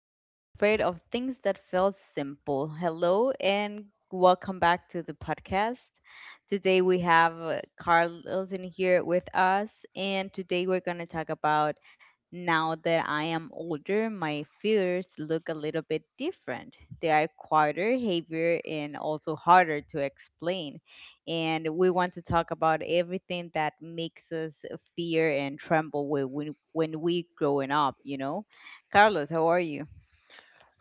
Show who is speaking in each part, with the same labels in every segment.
Speaker 1: I was afraid of things that felt simple. Hello, and welcome back to the podcast. Today we have Carlos in here with us, and today we're going to talk about now that I am older, my fears look a little bit different. They are quieter, heavier, and also harder to explain and we want to talk about everything that makes us fear and tremble when we growing up, Carlos, how are you?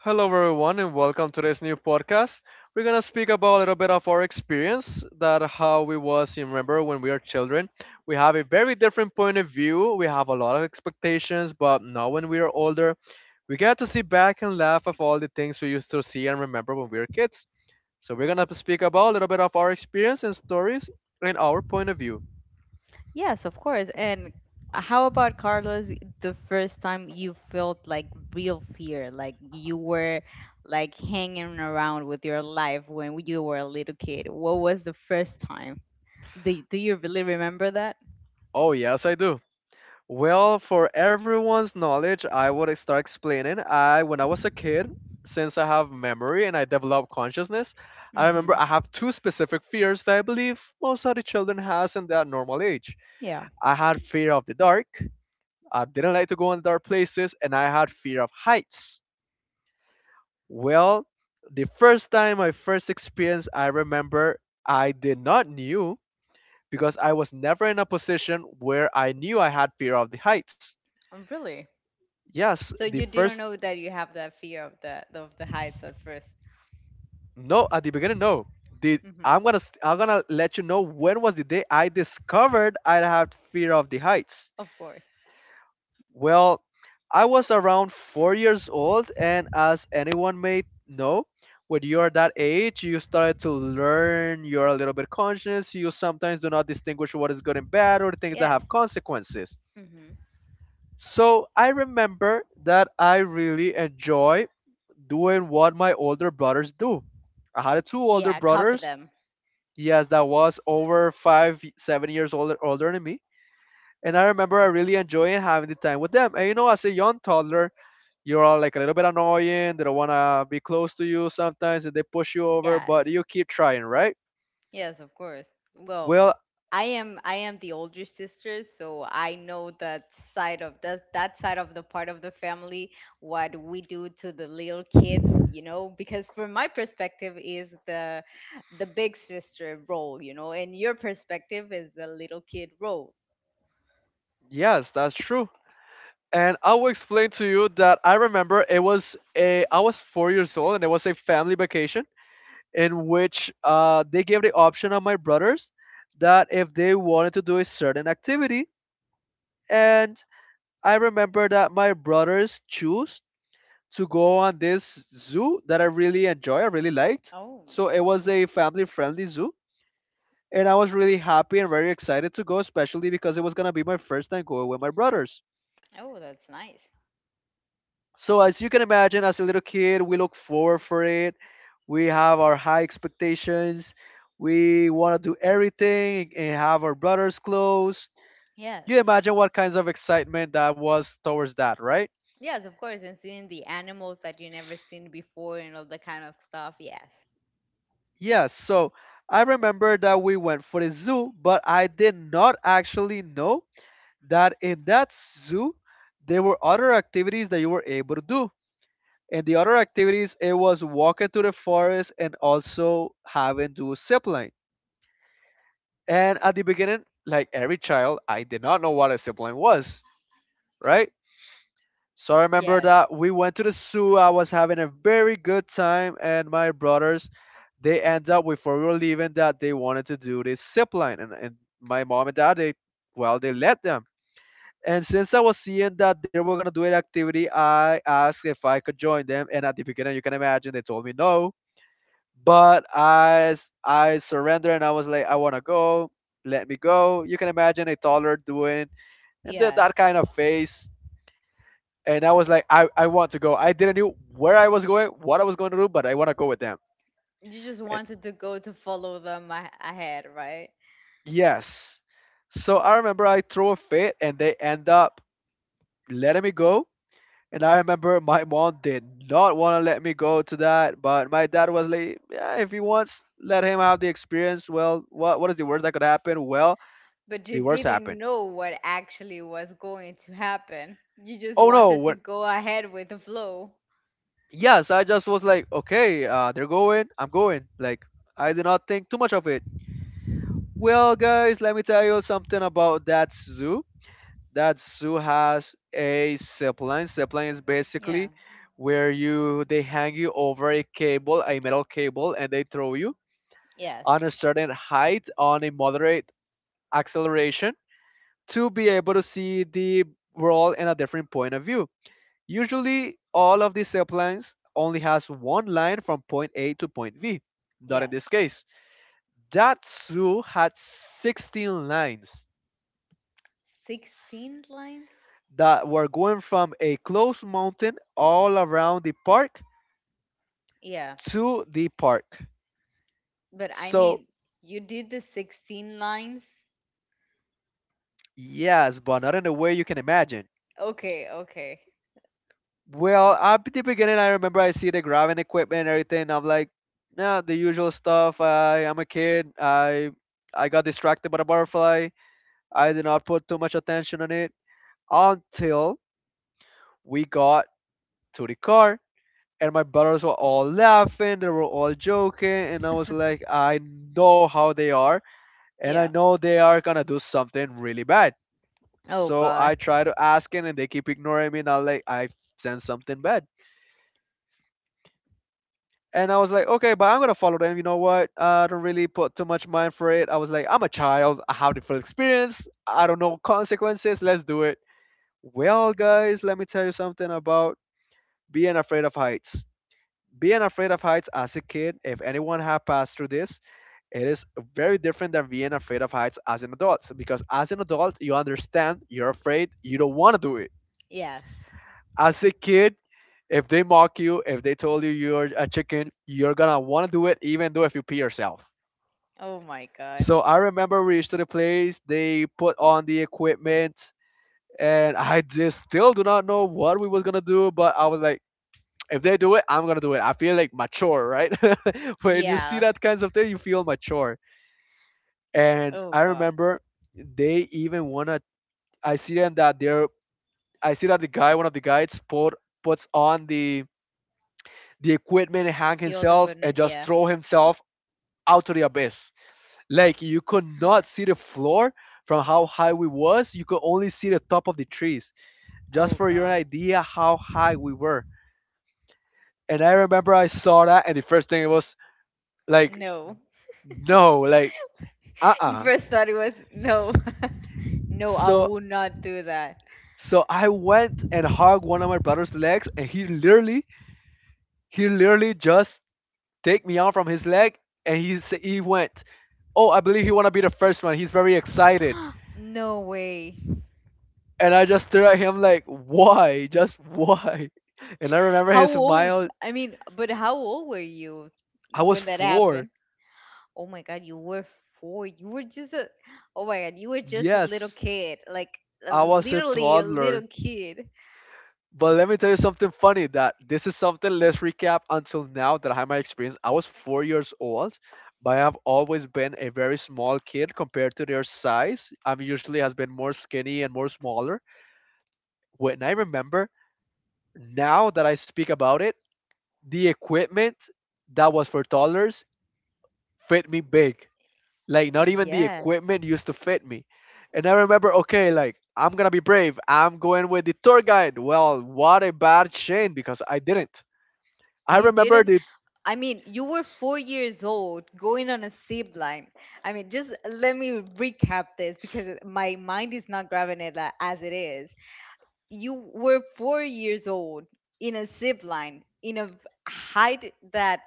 Speaker 2: Hello, everyone, and welcome to this new podcast. We're gonna speak about a little bit of our experience that how we was. You remember when we are children, we have a very different point of view. We have a lot of expectations, but now when we are older, we get to see back and laugh of all the things we used to see and remember when we were kids. So we're gonna speak about a little bit of our experience and stories and our point of view.
Speaker 1: Yes, of course. And how about Carlos, the first time you felt like real fear, like you were like hanging around with your life when you were a little kid? What was the first time? Do you really remember that?
Speaker 2: Oh yes, I do. Well, for everyone's knowledge, I would start explaining. I, when I was a kid, since I have memory and I develop consciousness, I remember
Speaker 1: Mm-hmm.
Speaker 2: I have two specific fears that I believe most of the children has in their normal age.
Speaker 1: Yeah.
Speaker 2: I had fear of the dark. I didn't like to go in dark places, and I had fear of heights. Well, the first time, my first experience, I remember I did not knew because I was never in a position where I knew I had fear of the heights.
Speaker 1: Oh, really?
Speaker 2: Yes,
Speaker 1: So
Speaker 2: the
Speaker 1: you
Speaker 2: first.
Speaker 1: didn't know that you have that fear of the heights at first.
Speaker 2: No, at the beginning, no. The I'm
Speaker 1: Mm-hmm.
Speaker 2: gonna st- I'm gonna let you know when was the day I discovered I had fear of the heights.
Speaker 1: Of course.
Speaker 2: Well, I was around 4 years old, and as anyone may know, when you are that age, you started to learn. You're a little bit conscious. You sometimes do not distinguish what is good and bad, or things that have
Speaker 1: Yes.
Speaker 2: consequences.
Speaker 1: Mm-hmm.
Speaker 2: So I remember that I really enjoy doing what my older brothers do. I had two older
Speaker 1: Yeah, copy
Speaker 2: brothers.
Speaker 1: them.
Speaker 2: Yes, that was over five, 7 years older, older than me. And I remember I really enjoying having the time with them. And you know, as a young toddler, you're all like a little bit annoying. They don't want to be close to you sometimes and they push you over,
Speaker 1: Yes.
Speaker 2: but you keep trying, right?
Speaker 1: Yes, of course. Well,
Speaker 2: Well,
Speaker 1: I am the older sister, so I know that side of that side of the part of the family what we do to the little kids, you know, because from my perspective is the big sister role, you know, and your perspective is the little kid role.
Speaker 2: yes, that's true. And I will explain to you that I remember it was a, I was 4 years old and it was a family vacation in which they gave the option of my brothers that if they wanted to do a certain activity, and I remember that my brothers choose to go on this zoo that I really enjoy, I really liked.
Speaker 1: Oh,
Speaker 2: So it
Speaker 1: hmm.
Speaker 2: was a family friendly zoo. And I was really happy and very excited to go, especially because it was going to be my first time going with my brothers.
Speaker 1: Oh, that's nice.
Speaker 2: So as you can imagine, as a little kid, we look forward for it. We have our high expectations. We want to do everything and have our brothers close. You
Speaker 1: Yes.
Speaker 2: imagine what kinds of excitement that was towards that, right?
Speaker 1: Yes, of course, and seeing the animals that you never seen before and all that kind of stuff. Yes.
Speaker 2: Yes, so I remember that we went for the zoo, but I did not actually know that in that zoo there were other activities that you were able to do. And the other activities it was walking to the forest and also having to zip line. And at the beginning, like every child, I did not know what a zip line was, right? So I remember
Speaker 1: Yes.
Speaker 2: that we went to the zoo. I was having a very good time, and my brothers, they end up before we were leaving that they wanted to do this zip line, and my mom and dad, they well, they let them. And since I was seeing that they were gonna do an activity, I asked if I could join them. And at the beginning, you can imagine, they told me no. But I surrendered, and I was like, I wanna go. Let me go. You can imagine a toddler doing and did that
Speaker 1: Yes.
Speaker 2: kind of face and I was like, I want to go. I didn't know where I was going, what I was going to do, but I want to go with them.
Speaker 1: You just
Speaker 2: And
Speaker 1: wanted to go to follow them ahead, right?
Speaker 2: yes. So I remember I threw a fit and they end up letting me go. And I remember my mom did not want to let me go to that, but my dad was like, yeah, if he wants, let him have the experience. Well, what is the worst that could happen? Well,
Speaker 1: But you
Speaker 2: the worst
Speaker 1: didn't
Speaker 2: happened.
Speaker 1: know what actually was going to happen. You just
Speaker 2: Oh no,
Speaker 1: wanted to
Speaker 2: what?
Speaker 1: go ahead with the flow.
Speaker 2: Yes, I just was like, okay, they're going, I'm going. Like I did not think too much of it. Well, guys, let me tell you something about that zoo. That zoo has a zipline. Zipline is
Speaker 1: Yeah.
Speaker 2: basically where you they hang you over a cable, a metal cable, and they throw you
Speaker 1: Yes.
Speaker 2: on a certain height on a moderate acceleration to be able to see the world in a different point of view. Usually, all of these ziplines only has one line from point A to point V. Not in this
Speaker 1: Yes.
Speaker 2: case. That zoo had 16 lines.
Speaker 1: 16 lines?
Speaker 2: That we're going from a closed mountain all around the park
Speaker 1: Yeah.
Speaker 2: to the park.
Speaker 1: But I
Speaker 2: So,
Speaker 1: mean, you did the 16 lines?
Speaker 2: yes, but not in a way you can imagine.
Speaker 1: Okay, okay.
Speaker 2: Well, at the beginning, I remember I see the grabbing equipment and everything. I'm like, nah, the usual stuff. I'm a kid. I got distracted by the butterfly. I did not put too much attention on it until we got to the car and my brothers were all laughing. They were all joking, and I was like, I know how they are. And I
Speaker 1: Yeah.
Speaker 2: know they are gonna do something really bad.
Speaker 1: Oh,
Speaker 2: So I
Speaker 1: God.
Speaker 2: try to ask it, and they keep ignoring me, and I like, I sense something bad. And I was like, okay, but I'm gonna follow them. You know what? I don't really put too much mind for it. I was like, I'm a child. I have different experience. I don't know consequences. Let's do it. Well, guys, let me tell you something about being afraid of heights. Being afraid of heights as a kid, if anyone had passed through this, it is very different than being afraid of heights as an adult so because as an adult, you understand, you're afraid, you don't want to do it.
Speaker 1: Yes.
Speaker 2: As a kid, if they mock you, if they told you you're a chicken, you're gonna want to do it even though if you pee yourself.
Speaker 1: Oh my god.
Speaker 2: So I remember we reached to the place, they put on the equipment, and I just still do not know what we was gonna do, but I was like, if they do it, I'm gonna do it. I feel like mature, right? When you see
Speaker 1: Yeah.
Speaker 2: that kinds of thing, you feel mature. And
Speaker 1: Oh
Speaker 2: I
Speaker 1: god.
Speaker 2: remember they even wanna. I see them that they're. I see that the guy, one of the guys, puts on the equipment and hang
Speaker 1: The old
Speaker 2: himself and
Speaker 1: equipment,
Speaker 2: just
Speaker 1: yeah.
Speaker 2: throw himself out to the abyss. Like you could not see the floor from how high we was. You could only see the top of the trees. Just
Speaker 1: Oh
Speaker 2: for your
Speaker 1: god.
Speaker 2: idea how high we were. And I remember I saw that, and the first thing it was like,
Speaker 1: No.
Speaker 2: no, like uh
Speaker 1: You
Speaker 2: uh
Speaker 1: first thought it was no. No, I
Speaker 2: so
Speaker 1: will not do that.
Speaker 2: so I went and hugged one of my brother's legs, and he literally he literally just take me out from his leg, and he went, "Oh, I believe he wanna be the first one. He's very excited."
Speaker 1: No way.
Speaker 2: And I just stared at him like, "Why? Just why?" And I remember
Speaker 1: How
Speaker 2: his
Speaker 1: old?
Speaker 2: smile.
Speaker 1: I mean, but how old were you
Speaker 2: I was
Speaker 1: when that happened?
Speaker 2: four.
Speaker 1: Oh my god, you were four. You were just a. Oh my god, you were just a little
Speaker 2: Yes,
Speaker 1: kid, like
Speaker 2: I was a
Speaker 1: literally a
Speaker 2: toddler.
Speaker 1: little kid.
Speaker 2: But let me tell you something funny. That this is something. Let's recap until now that I had my experience. I was 4 years old but I've always been a very small kid compared to their size. I'm usually has been more skinny and more smaller. When I remember now that I speak about it, the equipment that was for toddlers fit me big. Like not even the
Speaker 1: Yes.
Speaker 2: equipment used to fit me. And I remember, okay, like I'm gonna be brave. I'm going with the tour guide. Well, what a bad shame because I didn't. I
Speaker 1: You
Speaker 2: remember
Speaker 1: didn't
Speaker 2: the
Speaker 1: I mean, you were 4 years old going on a zip line. I mean, just let me recap this because my mind is not grabbing it as it is. You were 4 years old in a zip line in a height that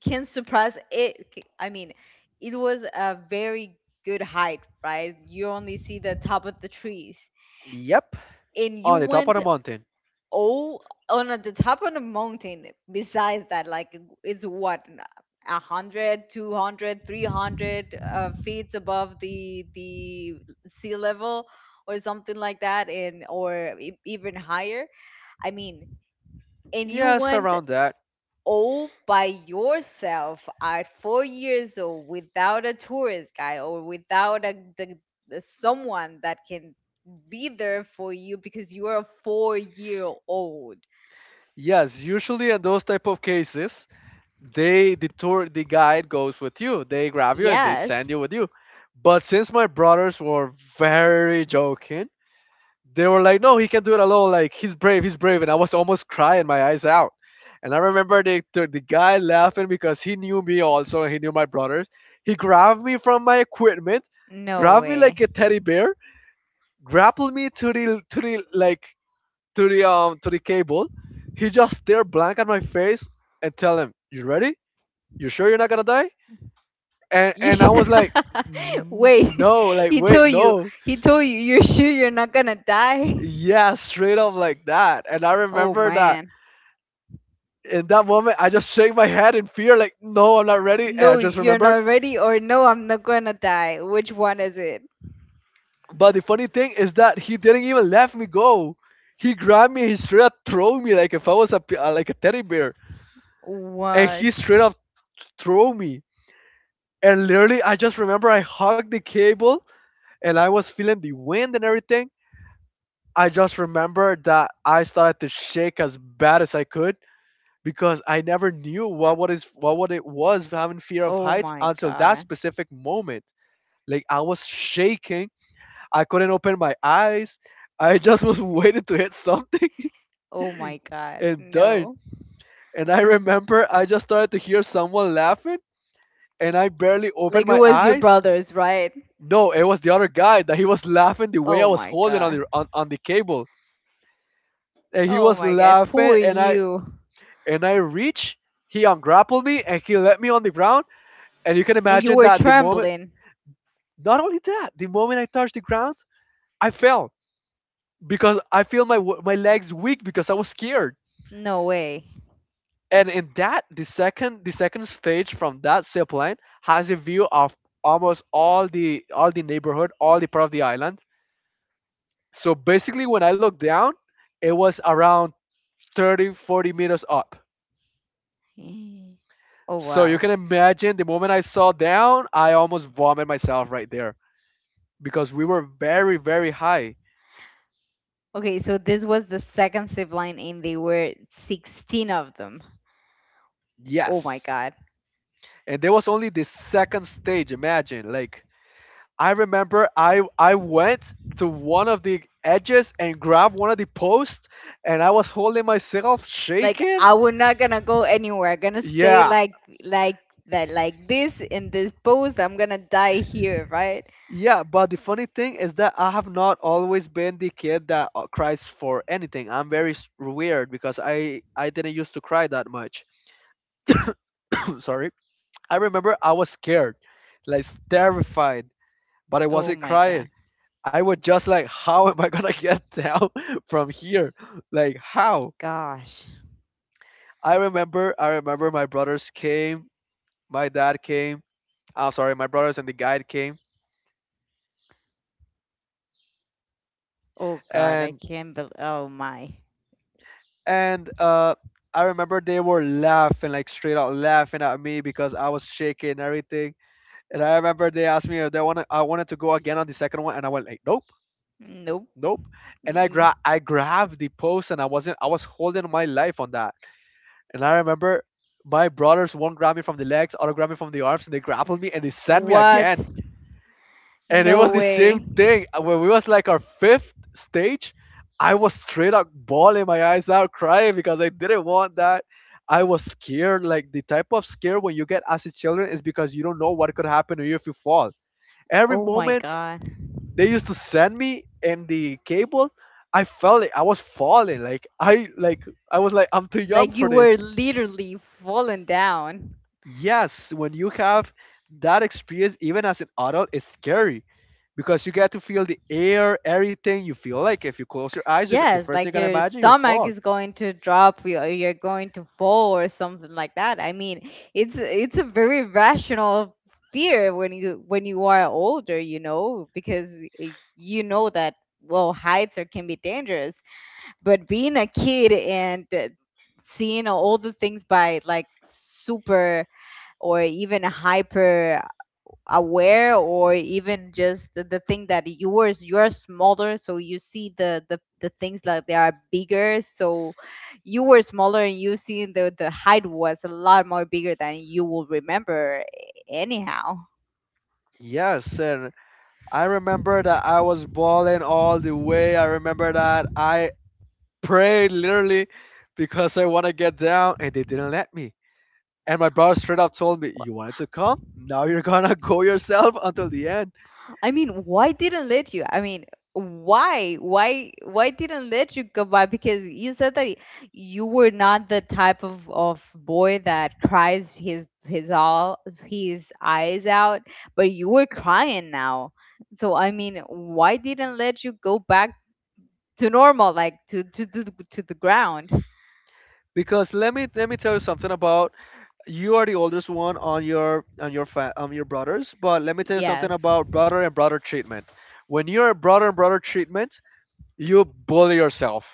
Speaker 1: can surpass it. I mean, it was a very good height, right? You only see the top of the trees.
Speaker 2: yep
Speaker 1: And you
Speaker 2: on the top of
Speaker 1: went.
Speaker 2: the mountain.
Speaker 1: Oh, on at the top of the mountain. Besides that, like, it's what, a hundred, 200, 300 feet above the sea level, or something like that, and or even higher. I mean, and you
Speaker 2: Yes,
Speaker 1: went
Speaker 2: around that.
Speaker 1: all by yourself at 4 years old without a tourist guy or without the someone that can be there for you because you are a 4 year old.
Speaker 2: Yes, usually in those type of cases, they the tour the guide goes with you they grab you and they
Speaker 1: Yes.
Speaker 2: send you with you but since my brothers were very joking they were like no he can do it alone like he's brave and I was almost crying my eyes out and I remember the guy laughing because he knew me also he knew my brothers he grabbed me from my equipment
Speaker 1: No
Speaker 2: grabbed me
Speaker 1: way.
Speaker 2: like a teddy bear grappled me to the like to the cable he just stared blank at my face and tell him you ready you sure you're not gonna die? And
Speaker 1: You
Speaker 2: and I
Speaker 1: should
Speaker 2: was like, "N-
Speaker 1: wait.
Speaker 2: no, like
Speaker 1: He
Speaker 2: wait,
Speaker 1: told you.
Speaker 2: no,
Speaker 1: He told you. You're sure you're not gonna die?
Speaker 2: yeah, straight up like that. And I
Speaker 1: Oh
Speaker 2: remember that
Speaker 1: man.
Speaker 2: in that moment, I just shake my head in fear, like no, I'm not ready. And I
Speaker 1: No,
Speaker 2: just
Speaker 1: you're
Speaker 2: remember.
Speaker 1: not ready, or no, I'm not gonna die. Which one is it?
Speaker 2: But the funny thing is that he didn't even let me go. He grabbed me, he straight up threw me like if I was a like a teddy bear, and
Speaker 1: What?
Speaker 2: he straight up threw me. And literally, I just remember I hugged the cable, and I was feeling the wind and everything. I just remember that I started to shake as bad as I could because I never knew what is what it was having fear of
Speaker 1: Oh
Speaker 2: heights
Speaker 1: my
Speaker 2: until that
Speaker 1: god.
Speaker 2: specific moment. Like I was shaking, I couldn't open my eyes. I just was waiting to hit something
Speaker 1: Oh my god.
Speaker 2: and done.
Speaker 1: No.
Speaker 2: And I remember I just started to hear someone laughing and I barely opened
Speaker 1: Like it
Speaker 2: my
Speaker 1: was your
Speaker 2: eyes.
Speaker 1: brothers, right?
Speaker 2: No, it was the other guy that he was laughing the way I
Speaker 1: Oh
Speaker 2: was
Speaker 1: my
Speaker 2: holding on
Speaker 1: god.
Speaker 2: on the cable. And he
Speaker 1: Oh
Speaker 2: was
Speaker 1: my god.
Speaker 2: laughing
Speaker 1: Poor
Speaker 2: and
Speaker 1: you.
Speaker 2: I reach, he ungrappled me and he let me on the ground. And you can
Speaker 1: And you
Speaker 2: imagine
Speaker 1: were
Speaker 2: that the moment,
Speaker 1: trembling.
Speaker 2: not only that, the moment I touched the ground, I fell because I feel my legs weak because I was scared.
Speaker 1: No way.
Speaker 2: And in that, the second stage from that zip line has a view of almost all the neighborhood, all the part of the island. So basically, when I looked down, it was around 30, 40 meters up.
Speaker 1: Oh
Speaker 2: So you
Speaker 1: wow.
Speaker 2: can imagine the moment I saw down, I almost vomited myself right there, because we were very high.
Speaker 1: Okay, so this was the second zip line, and they were 16 of them. Oh my
Speaker 2: Yes,
Speaker 1: god!
Speaker 2: and there was only the second stage. Imagine, like, I remember I went to one of the edges and grabbed one of the posts and I was holding myself
Speaker 1: Like
Speaker 2: shaking.
Speaker 1: I was not gonna go anywhere. I'm gonna stay
Speaker 2: Yeah.
Speaker 1: like that, like this in this post. I'm gonna die here, right?
Speaker 2: Yeah, but the funny thing is that I have not always been the kid that cries for anything. I'm very weird because I didn't used to cry that much. Sorry. I remember I was scared, like terrified, but I
Speaker 1: Oh
Speaker 2: wasn't
Speaker 1: my
Speaker 2: crying.
Speaker 1: god!
Speaker 2: I was just like, how am I gonna get down from here? Like how?
Speaker 1: Gosh!
Speaker 2: I remember my brothers came, my dad came. I'm sorry, my brothers and the guide came.
Speaker 1: Oh god! I
Speaker 2: And
Speaker 1: can't believe. Oh my!
Speaker 2: and uh I remember they were laughing, like straight out laughing at me because I was shaking and everything. And I remember they asked me if they wanted I wanted to go again on the second one and I went like, nope,
Speaker 1: Nope.
Speaker 2: nope. And
Speaker 1: Mm-mm.
Speaker 2: I grabbed the post and I wasn't I was holding my life on that. And I remember my brothers, one grabbed me from the legs, other grabbed me from the arms, and they grappled me and they sent me
Speaker 1: What?
Speaker 2: again. And it
Speaker 1: No
Speaker 2: was the same
Speaker 1: way!
Speaker 2: thing. When we was like our fifth stage, I was straight up bawling my eyes out, crying because I didn't want that. I was scared. Like the type of scare when you get as a children is because you don't know what could happen to you if you fall. Every
Speaker 1: Oh my
Speaker 2: moment
Speaker 1: god!
Speaker 2: they used to send me in the cable, I felt it. I was falling. Like, I was like, I'm too young
Speaker 1: Like
Speaker 2: for
Speaker 1: you were
Speaker 2: this.
Speaker 1: literally falling down.
Speaker 2: Yes, when you have that experience even as an adult it's scary because you get to feel the air, everything. You feel like if you close your eyes you're, the
Speaker 1: Yes,
Speaker 2: first thing you're
Speaker 1: like
Speaker 2: gonna
Speaker 1: your
Speaker 2: imagine your
Speaker 1: stomach
Speaker 2: fall.
Speaker 1: is going to drop, or you're going to fall, or something like that. I mean, it's a very rational fear when you are older, you know, because you know that, well, heights are, can be dangerous. But being a kid and seeing all the things by like super or even hyper aware, or even just the thing that yours you're smaller so you see the things like they are bigger, so you were smaller and you see the height was a lot more bigger than you will remember anyhow.
Speaker 2: Yes, and I remember that I was bawling all the way. I remember that I prayed, literally, because I want to get down and they didn't let me. And my brother straight up told me, you wanted to come, now you're gonna go yourself until the end.
Speaker 1: I mean, why didn't let you? I mean, why didn't let you go by? Because you said that you were not the type of boy that cries his all his eyes out, but you were crying now. So I mean, why didn't let you go back to normal, like to to the ground?
Speaker 2: Because let me tell you something about, you are the oldest one on your brothers, but let me tell you
Speaker 1: Yes,
Speaker 2: something about brother and brother treatment. When you're a brother and brother treatment, you bully yourself.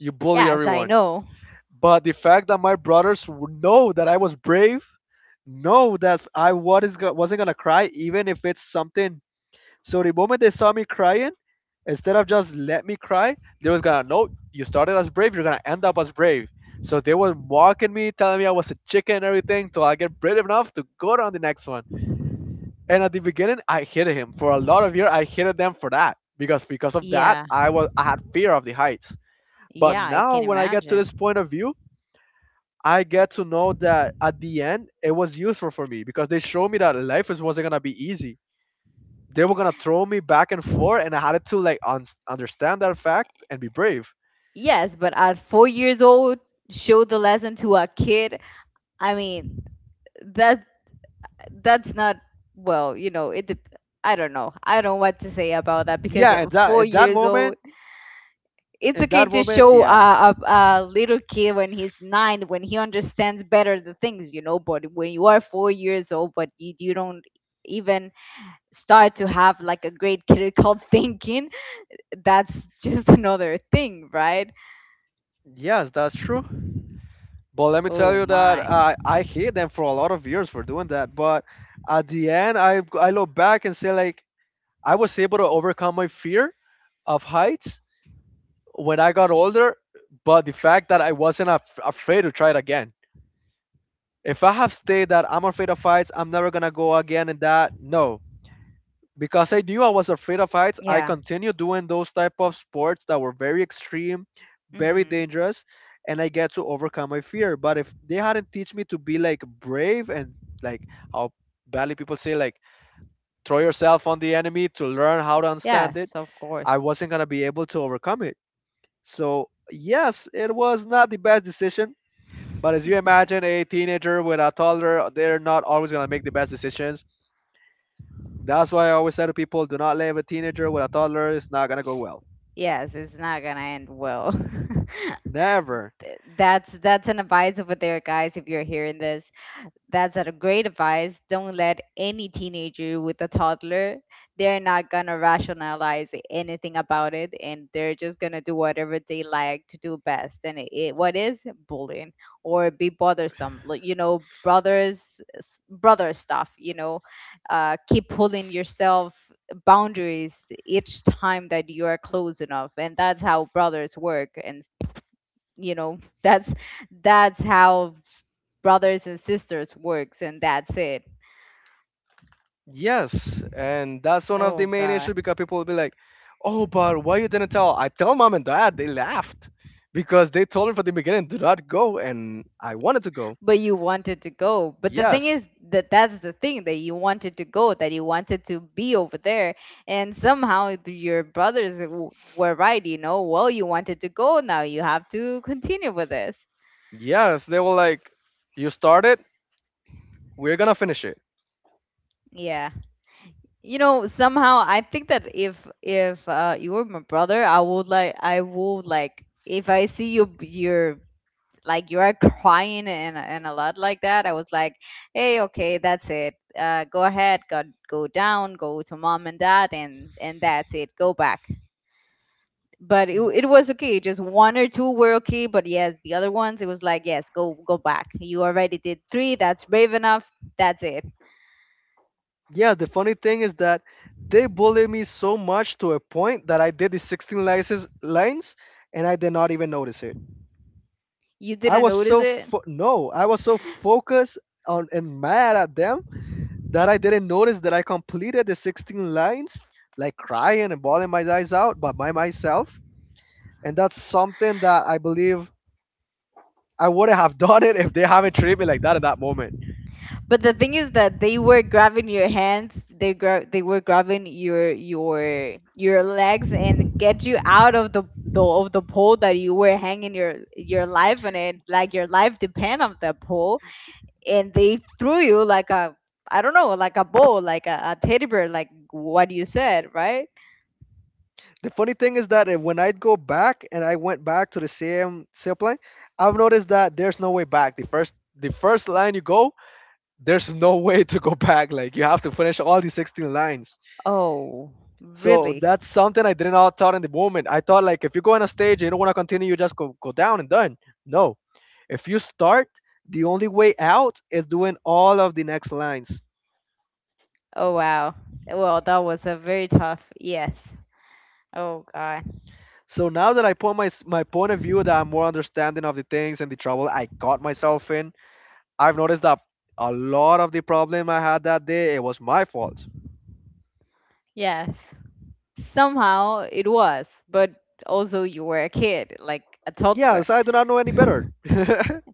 Speaker 2: You bully
Speaker 1: yes, I
Speaker 2: everyone.
Speaker 1: know.
Speaker 2: But the fact that my brothers know that I was brave, know that I wasn't gonna cry, even if it's something. So the moment they saw me crying, instead of just let me cry, they was gonna, no, you started as brave, you're gonna end up as brave. So they were mocking me, telling me I was a chicken and everything, till I get brave enough to go on the next one. And at the beginning, I hated him. For a lot of years, I hated them for that because of that,
Speaker 1: Yeah,
Speaker 2: I had fear of the heights. But
Speaker 1: yeah, I
Speaker 2: now,
Speaker 1: can
Speaker 2: when I get to
Speaker 1: imagine.
Speaker 2: this point of view, I get to know that at the end, it was useful for me because they showed me that life is wasn't gonna be easy. They were gonna throw me back and forth, and I had to, like, understand that fact and be brave.
Speaker 1: Yes, but at 4 years old, show the lesson to a kid, I mean, that that's not, well, you know, I don't know. I don't know what to say about that because
Speaker 2: Yeah, and
Speaker 1: at
Speaker 2: that
Speaker 1: 4 years old, it's
Speaker 2: in
Speaker 1: okay
Speaker 2: that
Speaker 1: to
Speaker 2: moment,
Speaker 1: show
Speaker 2: yeah,
Speaker 1: a little kid when he's 9 when he understands better the things, you know, but when you are 4 years old but you don't even start to have like a great critical thinking, that's just another thing, right?
Speaker 2: yes, that's true. But let me tell
Speaker 1: Oh
Speaker 2: you that
Speaker 1: my.
Speaker 2: I hate them for a lot of years for doing that. But at the end, I look back and say like I was able to overcome my fear of heights when I got older. But the fact that I wasn't afraid to try it again. If I have stayed that I'm afraid of heights, I'm never gonna go again in that. No, because I knew I was afraid of heights, I
Speaker 1: Yeah.
Speaker 2: continued doing those type of sports that were very extreme, very
Speaker 1: Mhm.
Speaker 2: dangerous, and I get to overcome my fear. But if they hadn't teach me to be like brave and, like, how badly people say, like, throw yourself on the enemy to learn how to understand it,
Speaker 1: Yes, of
Speaker 2: I
Speaker 1: course.
Speaker 2: wasn't gonna be able to overcome it. So yes, it was not the best decision. But as you imagine, a teenager with a toddler, they're not always gonna make the best decisions. That's why I always say to people, do not leave a teenager with a toddler. It's not gonna go well.
Speaker 1: Yes, it's not going to end well.
Speaker 2: Never.
Speaker 1: That's an advice over there, guys. If you're hearing this, that's a great advice. Don't let any teenager with a toddler. They're not gonna rationalize anything about it, and they're just gonna do whatever they like to do best. And what is bullying or be bothersome, like, you know, brothers brother stuff, you know. Keep pulling yourself boundaries each time that you are close enough, and that's how brothers work. And, you know, that's how brothers and sisters works, and that's it.
Speaker 2: Yes, and that's one of the
Speaker 1: Oh
Speaker 2: main
Speaker 1: god.
Speaker 2: issues because people will be like, "Oh, but why you didn't tell?" I tell mom and dad. They laughed because they told me from the beginning, "Do not go," and I wanted to go.
Speaker 1: But you wanted to go, but the thing
Speaker 2: Yes,
Speaker 1: is that that's the thing, that you wanted to go, that you wanted to be over there, and somehow your brothers were right, you know. Well, you wanted to go, now you have to continue with this.
Speaker 2: yes. They were like, "You started. We're gonna finish it."
Speaker 1: Yeah, you know, somehow I think that if you were my brother, I would like if I see you your like you are crying and a lot like that, I was like, hey, okay, that's it, go ahead, go down, go to mom and dad and that's it, go back. But it was okay, just one or two were okay, but yes, the other ones it was like, yes, go, go back, you already did three, that's brave enough, that's it.
Speaker 2: Yeah. The funny thing is that they bullied me so much to a point that I did the 16 lines, and I did not even notice it.
Speaker 1: You
Speaker 2: I
Speaker 1: didn't
Speaker 2: was
Speaker 1: notice
Speaker 2: so
Speaker 1: it.
Speaker 2: fo- no, I was so focused on and mad at them that I didn't notice that I completed the 16 lines, like crying and bawling my eyes out, but by myself. And that's something that I believe I wouldn't have done it if they haven't treated me like that at that moment.
Speaker 1: But the thing is that they were grabbing your hands, they they were grabbing your your legs and get you out of the pole that you were hanging your life on it, like your life depend on that pole, and they threw you like a, I don't know, like a ball, like a teddy bear, like what you said, right?
Speaker 2: The funny thing is that if, when I'd go back and I went back to the same sailplane, I've noticed that there's no way back. The first line you go, there's no way to go back. Like you have to finish all the 16 lines.
Speaker 1: Oh,
Speaker 2: So
Speaker 1: really?
Speaker 2: that's something I did not thought in the moment. I thought like if you go on a stage and you don't want to continue, you just go, go down and done. No. If you start, the only way out is doing all of the next lines.
Speaker 1: Oh wow. Well, that was a very tough, yes. Oh God.
Speaker 2: So now that I put my my point of view that I'm more understanding of the things and the trouble I got myself in, I've noticed that a lot of the problem I had that day it was my fault.
Speaker 1: Yes. Somehow it was, but also you were a kid, like a toddler.
Speaker 2: Yes, I do not know any better.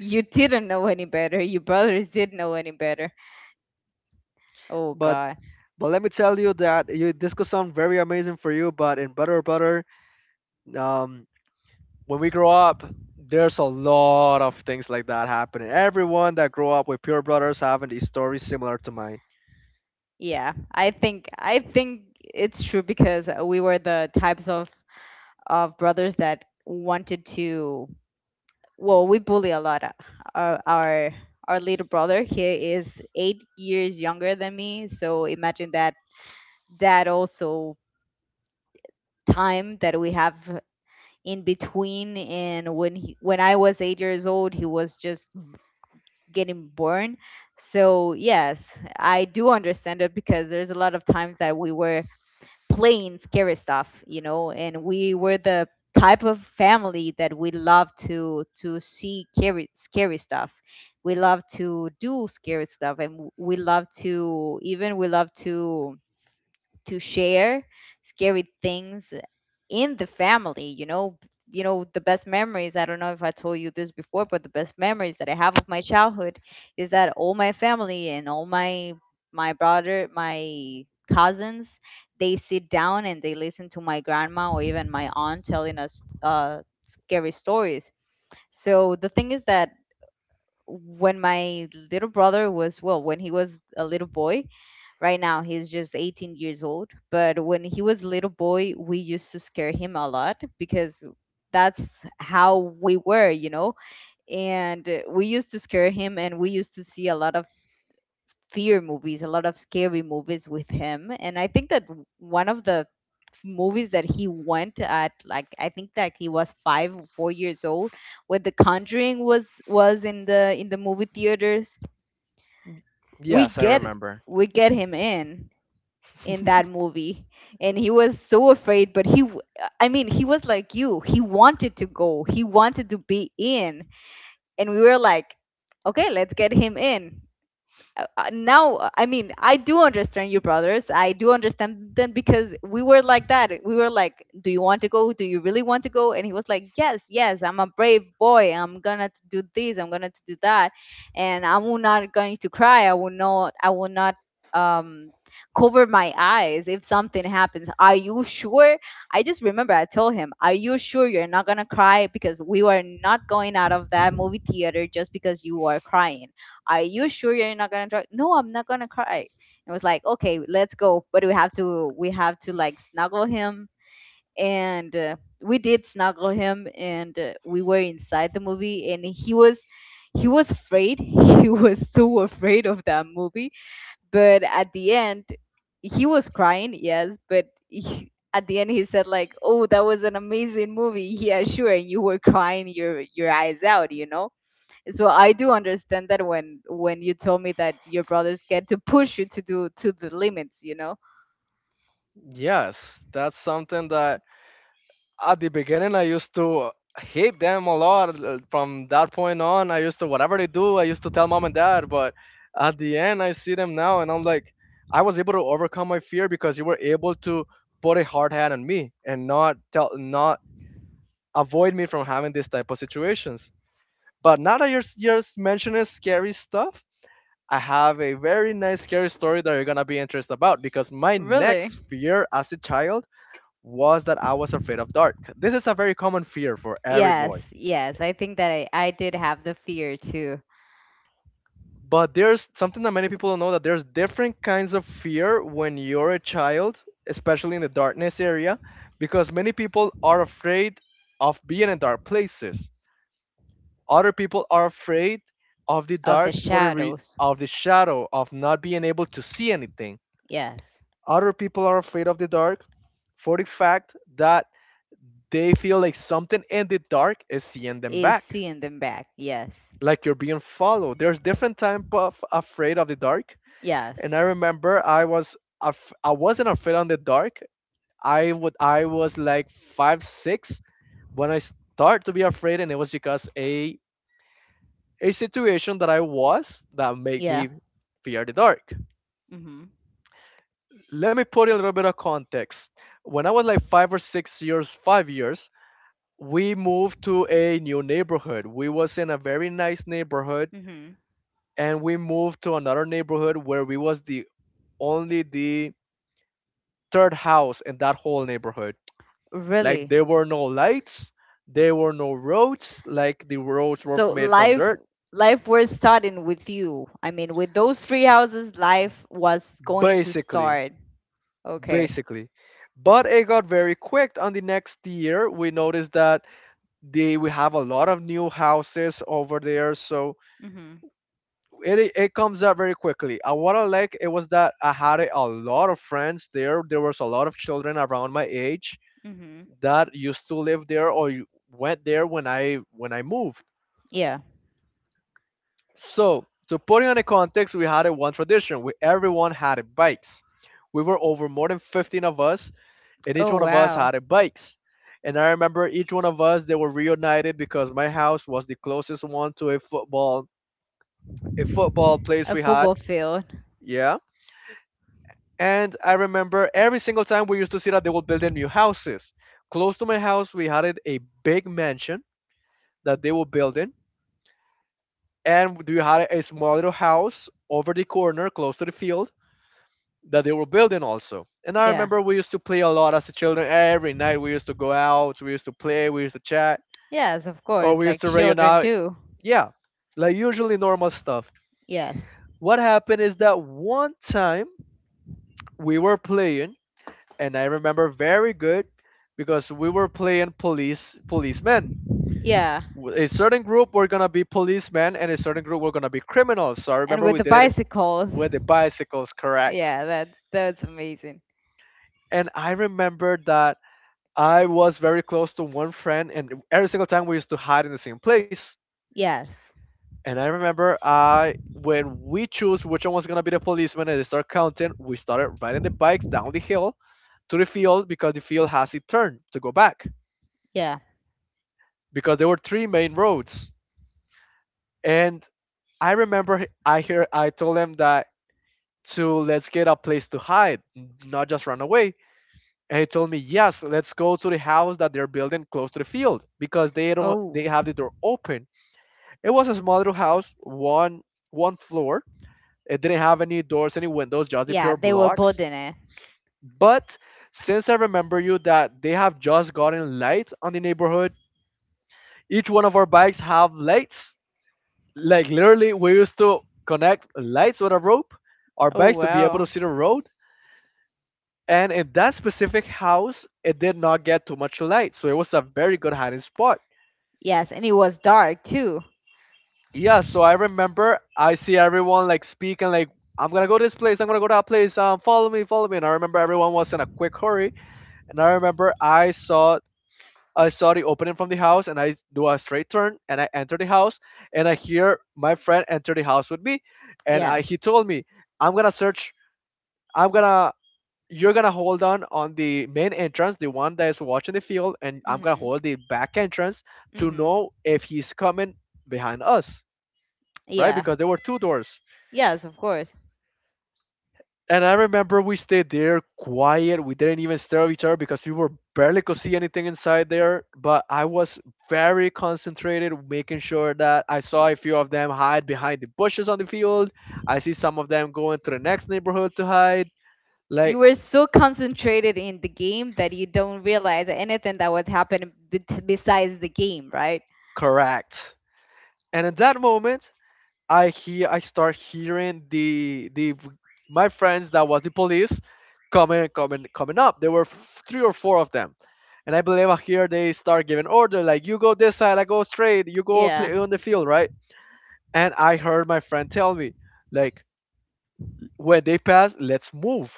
Speaker 1: You didn't know any better. Your brothers didn't know any better. Oh
Speaker 2: but
Speaker 1: God.
Speaker 2: but let me tell you that you, this could sound very amazing for you, but in Better Butter, um, when we grow up, there's a lot of things like that happening. Everyone that grew up with Pure Brothers having these stories similar to mine.
Speaker 1: Yeah, I think it's true because we were the types of brothers that wanted to. Well, we bully a lot. Our our, our little brother, he is 8 years younger than me, so imagine that, that also time that we have in between, and when he, when I was 8 years old he was just getting born. So yes, I do understand it, because there's a lot of times that we were playing scary stuff, you know, and we were the type of family that we love to see scary, scary stuff, we love to do scary stuff, and we love to, even we love to share scary things in the family, you know. You know, the best memories, I don't know if I told you this before, but the best memories that I have of my childhood is that all my family and all my my brother my cousins, they sit down and they listen to my grandma or even my aunt telling us scary stories. So the thing is that when my little brother was, well, when he was a little boy, right now, he's just 18 years old. But when he was a little boy, we used to scare him a lot because that's how we were, you know? And we used to scare him, and we used to see a lot of fear movies, a lot of scary movies with him. And I think that one of the movies that he went at, like, I think that he was 5 or 4 years old when The Conjuring was in the movie theaters. we
Speaker 2: Yes, I
Speaker 1: get
Speaker 2: remember.
Speaker 1: we get him in that movie. And he was so afraid, but I mean, he was like, you, he wanted to go, he wanted to be in. And we were like, okay, let's get him in. Now, I mean, I do understand your brothers, I do understand them because we were like that. We were like, do you want to go, do you really want to go? And he was like, yes, yes, I'm a brave boy, I'm gonna to do this, I'm gonna to do that. And I will not going to cry, I will not um cover my eyes if something happens. Are you sure? I just remember I told him, are you sure you're not gonna cry? Because we were not going out of that movie theater just because you are crying. Are you sure you're not gonna cry? No, I'm not gonna cry. It was like, okay, let's go. But we have to like snuggle him. And we did snuggle him, and we were inside the movie, and he was afraid. He was so afraid of that movie. But at the end, he was crying, yes, but he, at the end he said like, "Oh, that was an amazing movie." Yeah, sure, and you were crying your eyes out. So I do understand that when you told me that your brothers get to push you to do to the limits.
Speaker 2: Yes, that's something that at the beginning I used to hate them a lot. From that point on, I used to whatever they do, I used to tell mom and dad. But at the end, I see them now, and I'm like, I was able to overcome my fear because you were able to put a hard hand on me and not tell, not avoid me from having these type of situations. But now that you're mentioning scary stuff, I have a very nice scary story that you're gonna be interested about because my
Speaker 1: Really?
Speaker 2: next fear as a child was that I was afraid of dark. This is a very common fear for every
Speaker 1: Yes,
Speaker 2: boy.
Speaker 1: yes, I think that I did have the fear too
Speaker 2: But there's something that many people don't know, that there's different kinds of fear when you're a child, especially in the darkness area, because many people are afraid of being in dark places. Other people are afraid of the
Speaker 1: of the
Speaker 2: dark for
Speaker 1: shadows.
Speaker 2: of the shadow of not being able to see anything.
Speaker 1: Yes.
Speaker 2: Other people are afraid of the dark for the fact that they feel like something in the dark is seeing them
Speaker 1: Is
Speaker 2: back,
Speaker 1: seeing them back. Yes.
Speaker 2: like you're being followed. There's different type of afraid of the dark, and
Speaker 1: Yes.
Speaker 2: I remember I wasn't afraid on the dark. I was like five six when I start to be afraid, and it was because a situation that I was that made
Speaker 1: Yeah.
Speaker 2: me fear the dark.
Speaker 1: mm-hmm
Speaker 2: Let me put in a little bit of context. When I was like 5 years, we moved to a new neighborhood. We was in a very nice neighborhood,
Speaker 1: mm-hmm
Speaker 2: and we moved to another neighborhood where we was the only the third house in that whole neighborhood. Like
Speaker 1: really?
Speaker 2: there were no lights, there were no roads. Like the roads were
Speaker 1: So
Speaker 2: made from
Speaker 1: life
Speaker 2: dirt,
Speaker 1: life was starting with you, I mean, with those three houses life was going to
Speaker 2: basically.
Speaker 1: start. Okay.
Speaker 2: basically. But it got very quick on the next year. We noticed that they we have a lot of new houses over there, so
Speaker 1: mm-hmm
Speaker 2: it comes up very quickly. And what I like it was that I had a lot of friends there. There was a lot of children around my age
Speaker 1: mm-hmm
Speaker 2: that used to live there or went there when I moved.
Speaker 1: yeah.
Speaker 2: So to put it in a context, we had a one tradition. We Everyone had a bikes. We were over more than 15 of us, and each
Speaker 1: Oh
Speaker 2: one of us
Speaker 1: wow.
Speaker 2: had a bikes. And I remember each one of us they were reunited because my house was the closest one to a football place
Speaker 1: A
Speaker 2: we had.
Speaker 1: football field.
Speaker 2: Yeah. And I remember every single time we used to see that they were building new houses. Close to my house we had a big mansion that they were building. And we had a small little house over the corner close to the field that they were building also. And I
Speaker 1: Yeah.
Speaker 2: remember we used to play a lot as children. Every night we used to go out, we used to play, we used to chat,
Speaker 1: Yes, of
Speaker 2: or
Speaker 1: course,
Speaker 2: we used
Speaker 1: like
Speaker 2: to rayon
Speaker 1: children
Speaker 2: out.
Speaker 1: do.
Speaker 2: Yeah, like usually normal stuff.
Speaker 1: Yes.
Speaker 2: What happened is that one time we were playing, and I remember very good because we were playing policemen.
Speaker 1: Yeah.
Speaker 2: A certain group were gonna be policemen, and a certain group were gonna be criminals. So I
Speaker 1: And
Speaker 2: remember
Speaker 1: with
Speaker 2: we
Speaker 1: the
Speaker 2: did it
Speaker 1: bicycles.
Speaker 2: with the bicycles, correct?
Speaker 1: Yeah, that's amazing.
Speaker 2: And I remember that I was very close to one friend, and every single time we used to hide in the same place.
Speaker 1: Yes.
Speaker 2: And I remember I when we choose which one was gonna be the policeman and they start counting, we started riding the bikes down the hill to the field because the field has a turn to go back.
Speaker 1: Yeah.
Speaker 2: Because there were three main roads. And I remember I told him that to let's get a place to hide, not just run away. And he told me, yes, let's go to the house that they're building close to the field because they don't they
Speaker 1: Oh.
Speaker 2: have the door open. It was a small little house, one floor. It didn't have any doors, any windows, just the
Speaker 1: Yeah,
Speaker 2: pure
Speaker 1: they were
Speaker 2: blocks.
Speaker 1: building it.
Speaker 2: But since I remember you that they have just gotten lights on the neighborhood, each one of our bikes have lights. Like literally, we used to connect lights with a rope, our
Speaker 1: Oh
Speaker 2: bikes to be able to
Speaker 1: wow.
Speaker 2: see the road. And in that specific house, it did not get too much light, so it was a very good hiding spot.
Speaker 1: Yes, and it was dark too.
Speaker 2: Yeah, so I remember I see everyone like speaking like I'm gonna go to this place, I'm gonna go to that place, follow me. And I remember everyone was in a quick hurry. And I remember I saw the opening from the house, and I do a straight turn, and I enter the house, and I hear my friend enter the house with me, and I he
Speaker 1: Yes.
Speaker 2: told me, I'm gonna search, I'm gonna you're gonna hold on the main entrance, the one that is watching the field, and I'm gonna
Speaker 1: Mhm.
Speaker 2: hold the back entrance to
Speaker 1: Mhm.
Speaker 2: know if he's coming behind us, right?
Speaker 1: Yeah.
Speaker 2: Because there were two doors.
Speaker 1: Yes, of course.
Speaker 2: And I remember we stayed there quiet. We didn't even stare at each other because we were barely could see anything inside there. But I was very concentrated, making sure that I saw a few of them hide behind the bushes on the field. I see some of them going to the next neighborhood to hide.
Speaker 1: You
Speaker 2: Like,
Speaker 1: were so concentrated in the game that you don't realize anything that was happening, besides the game, right?
Speaker 2: correct. And in that moment, I start hearing the my friends that was the police coming up. There were three or four of them, and I believe I hear they start giving order like you go this side, I go straight, you go
Speaker 1: Yeah.
Speaker 2: play on the field, right? And I heard my friend tell me like when they pass, let's move,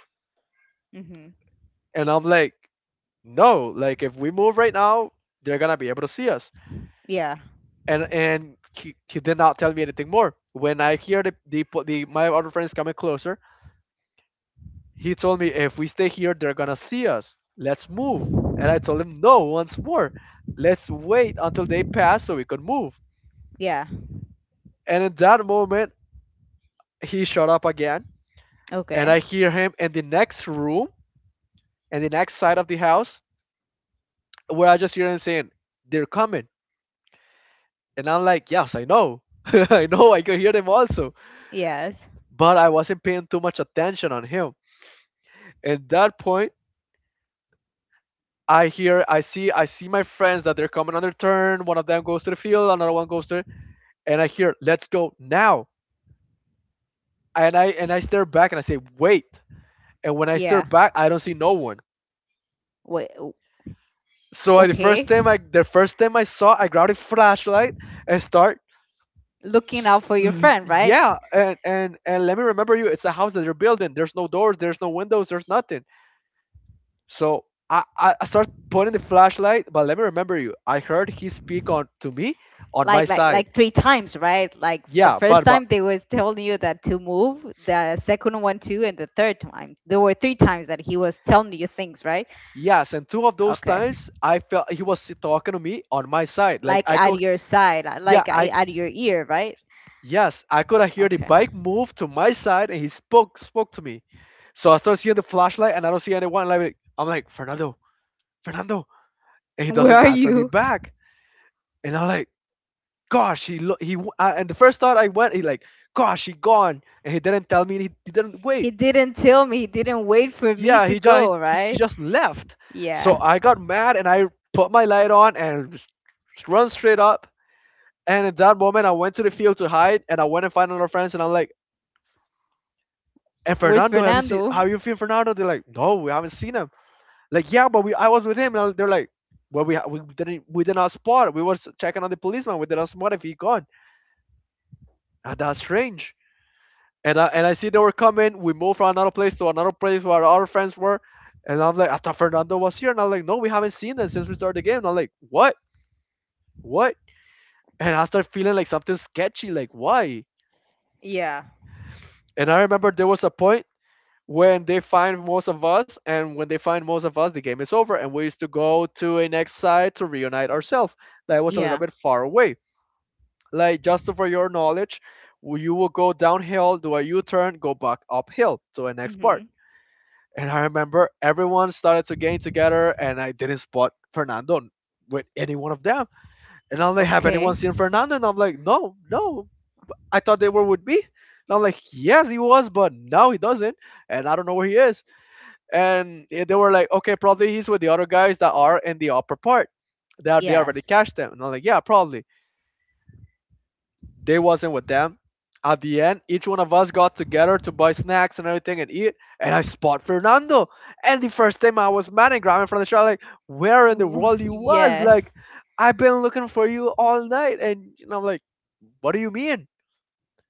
Speaker 1: Mhm.
Speaker 2: and I'm like, no, like if we move right now, they're gonna be able to see us.
Speaker 1: Yeah.
Speaker 2: And he did not tell me anything more. When I hear the my other friends coming closer, he told me, if we stay here, they're gonna see us. Let's move. And I told him, no, once more. Let's wait until they pass so we could move.
Speaker 1: Yeah.
Speaker 2: And in that moment, he shut up again. And
Speaker 1: Okay.
Speaker 2: I hear him in the next room, in the next side of the house, where I just hear him saying, they're coming. And I'm like, yes, I know. I know, I could hear them also.
Speaker 1: Yes.
Speaker 2: But I wasn't paying too much attention on him. At that point, I see my friends that they're coming on their turn. One of them goes to the field, another one goes to, and I hear, let's go now. And I stare back and I say, wait. And when I stare
Speaker 1: Yeah.
Speaker 2: back, I don't see no one.
Speaker 1: Wait.
Speaker 2: So
Speaker 1: Okay.
Speaker 2: the first time I saw, I grabbed a flashlight and start.
Speaker 1: Looking out for your friend, right?
Speaker 2: Yeah, and let me remember you, it's a house that they're building, there's no doors, there's no windows, there's nothing, so I start putting the flashlight, but let me remember you, I heard he speak on to me on my
Speaker 1: Like, like,
Speaker 2: side.
Speaker 1: like three times, right? Like the
Speaker 2: Yeah,
Speaker 1: first
Speaker 2: but
Speaker 1: time they was telling you that to move, the second one too, and the third time. There were three times that he was telling you things, right?
Speaker 2: yes, and two of those
Speaker 1: Okay.
Speaker 2: times I felt he was talking to me on my side, like
Speaker 1: Like
Speaker 2: I
Speaker 1: at
Speaker 2: could.
Speaker 1: your side,
Speaker 2: Yeah,
Speaker 1: like,
Speaker 2: I
Speaker 1: at your ear, right?
Speaker 2: yes, I could hear the
Speaker 1: Okay.
Speaker 2: bike move to my side, and he spoke to me. So I start seeing the flashlight, and I don't see anyone. Like, I'm like, Fernando, Fernando, and he
Speaker 1: Where
Speaker 2: doesn't
Speaker 1: are
Speaker 2: answer me
Speaker 1: you?
Speaker 2: back. And I'm like, gosh, he lo- he. W- I, and the first thought I went, he like, gosh, he gone, and he didn't tell me. He didn't wait.
Speaker 1: He didn't tell me. He didn't wait for me
Speaker 2: Yeah,
Speaker 1: to go,
Speaker 2: he
Speaker 1: right?
Speaker 2: just left. So
Speaker 1: Yeah.
Speaker 2: I got mad, and I put my light on and run straight up. And at that moment, I went to the field to hide, and I went and found another friends, and I'm like, and
Speaker 1: Where's
Speaker 2: Fernando, have you seen how
Speaker 1: Fernando?
Speaker 2: you feel Fernando? They're like, no, we haven't seen him. Like, yeah, but we I was with him. And they're like, well, we did not spot. We were checking on the policeman. We did not spot if he gone. And that's strange. And I see they were coming. We moved from another place to another place where our friends were. And I'm like, I thought Fernando was here. And I'm like, no, we haven't seen him since we started the game. And I'm like, what? What? And I start feeling like something sketchy. Like, why?
Speaker 1: Yeah.
Speaker 2: And I remember there was a point when they find most of us, and when they find most of us the game is over, and we used to go to a next site to reunite ourselves that was a little
Speaker 1: Yeah.
Speaker 2: bit far away. Like, just for your knowledge, you will go downhill, do a u-turn, go back uphill to the next part.
Speaker 1: Mhm.
Speaker 2: And I remember everyone started to gain together, and I didn't spot Fernando with any one of them. And I'm like, have anyone
Speaker 1: Okay.
Speaker 2: seen Fernando? And I'm like, no, no, I thought they were with me. And I'm like, yes, he was, but now he doesn't, and I don't know where he is. And they were like, okay, probably he's with the other guys that are in the upper part. They already
Speaker 1: Yes.
Speaker 2: cashed them. And I'm like, yeah, probably. They wasn't with them. At the end, each one of us got together to buy snacks and everything and eat. And I spot Fernando. And the first time I was mad and grabbing from the shot, like, where in the world you was?
Speaker 1: Yes.
Speaker 2: Like, I've been looking for you all night. And, I'm like, what do you mean?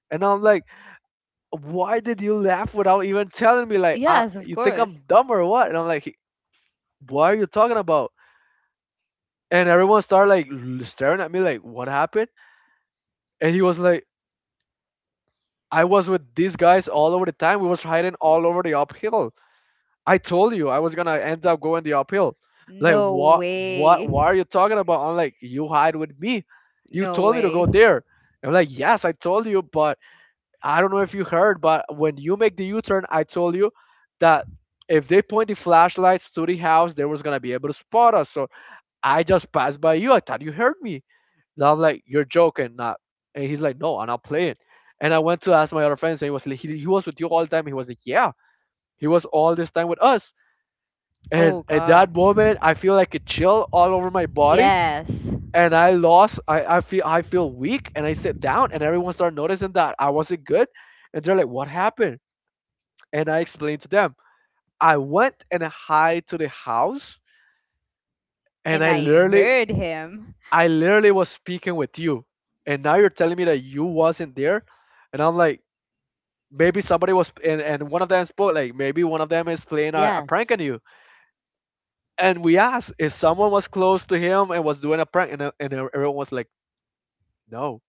Speaker 2: And I'm like, why did you laugh without even telling me? Like, I,
Speaker 1: Yes, of
Speaker 2: you think
Speaker 1: course.
Speaker 2: I'm dumb or what? And I'm like, what are you talking about? And everyone started like staring at me like, what happened? And he was like, I was with these guys all over the time. We was hiding all over the uphill. I told you I was gonna end up going the uphill. Like,
Speaker 1: No
Speaker 2: what
Speaker 1: way.
Speaker 2: what what are you talking about? I'm like, you hide with me. You
Speaker 1: No
Speaker 2: told me to go
Speaker 1: way.
Speaker 2: there. I'm like, yes, I told you, but I don't know if you heard, but when you make the u-turn, I told you that if they point the flashlights to the house, they was gonna be able to spot us. So I just passed by you, I thought you heard me. And I'm like, you're joking, not. And he's like, no, I'm not playing. And I went to ask my other friends, and he was like, he was with you all the time. He was like, yeah, he was all this time with us. And
Speaker 1: Oh
Speaker 2: at
Speaker 1: God.
Speaker 2: that moment, I feel like a chill all over my body,
Speaker 1: Yes.
Speaker 2: and I lost. I feel weak, and I sit down, and everyone started noticing that I wasn't good, and they're like, what happened? And I explained to them. I went and hide to the house, and
Speaker 1: And I heard him.
Speaker 2: I literally was speaking with you, and now you're telling me that you wasn't there, and I'm like, maybe somebody was and one of them spoke, like, maybe one of them is playing a prank
Speaker 1: Yes,
Speaker 2: on you. And we asked if someone was close to him and was doing a prank, and everyone was like, no.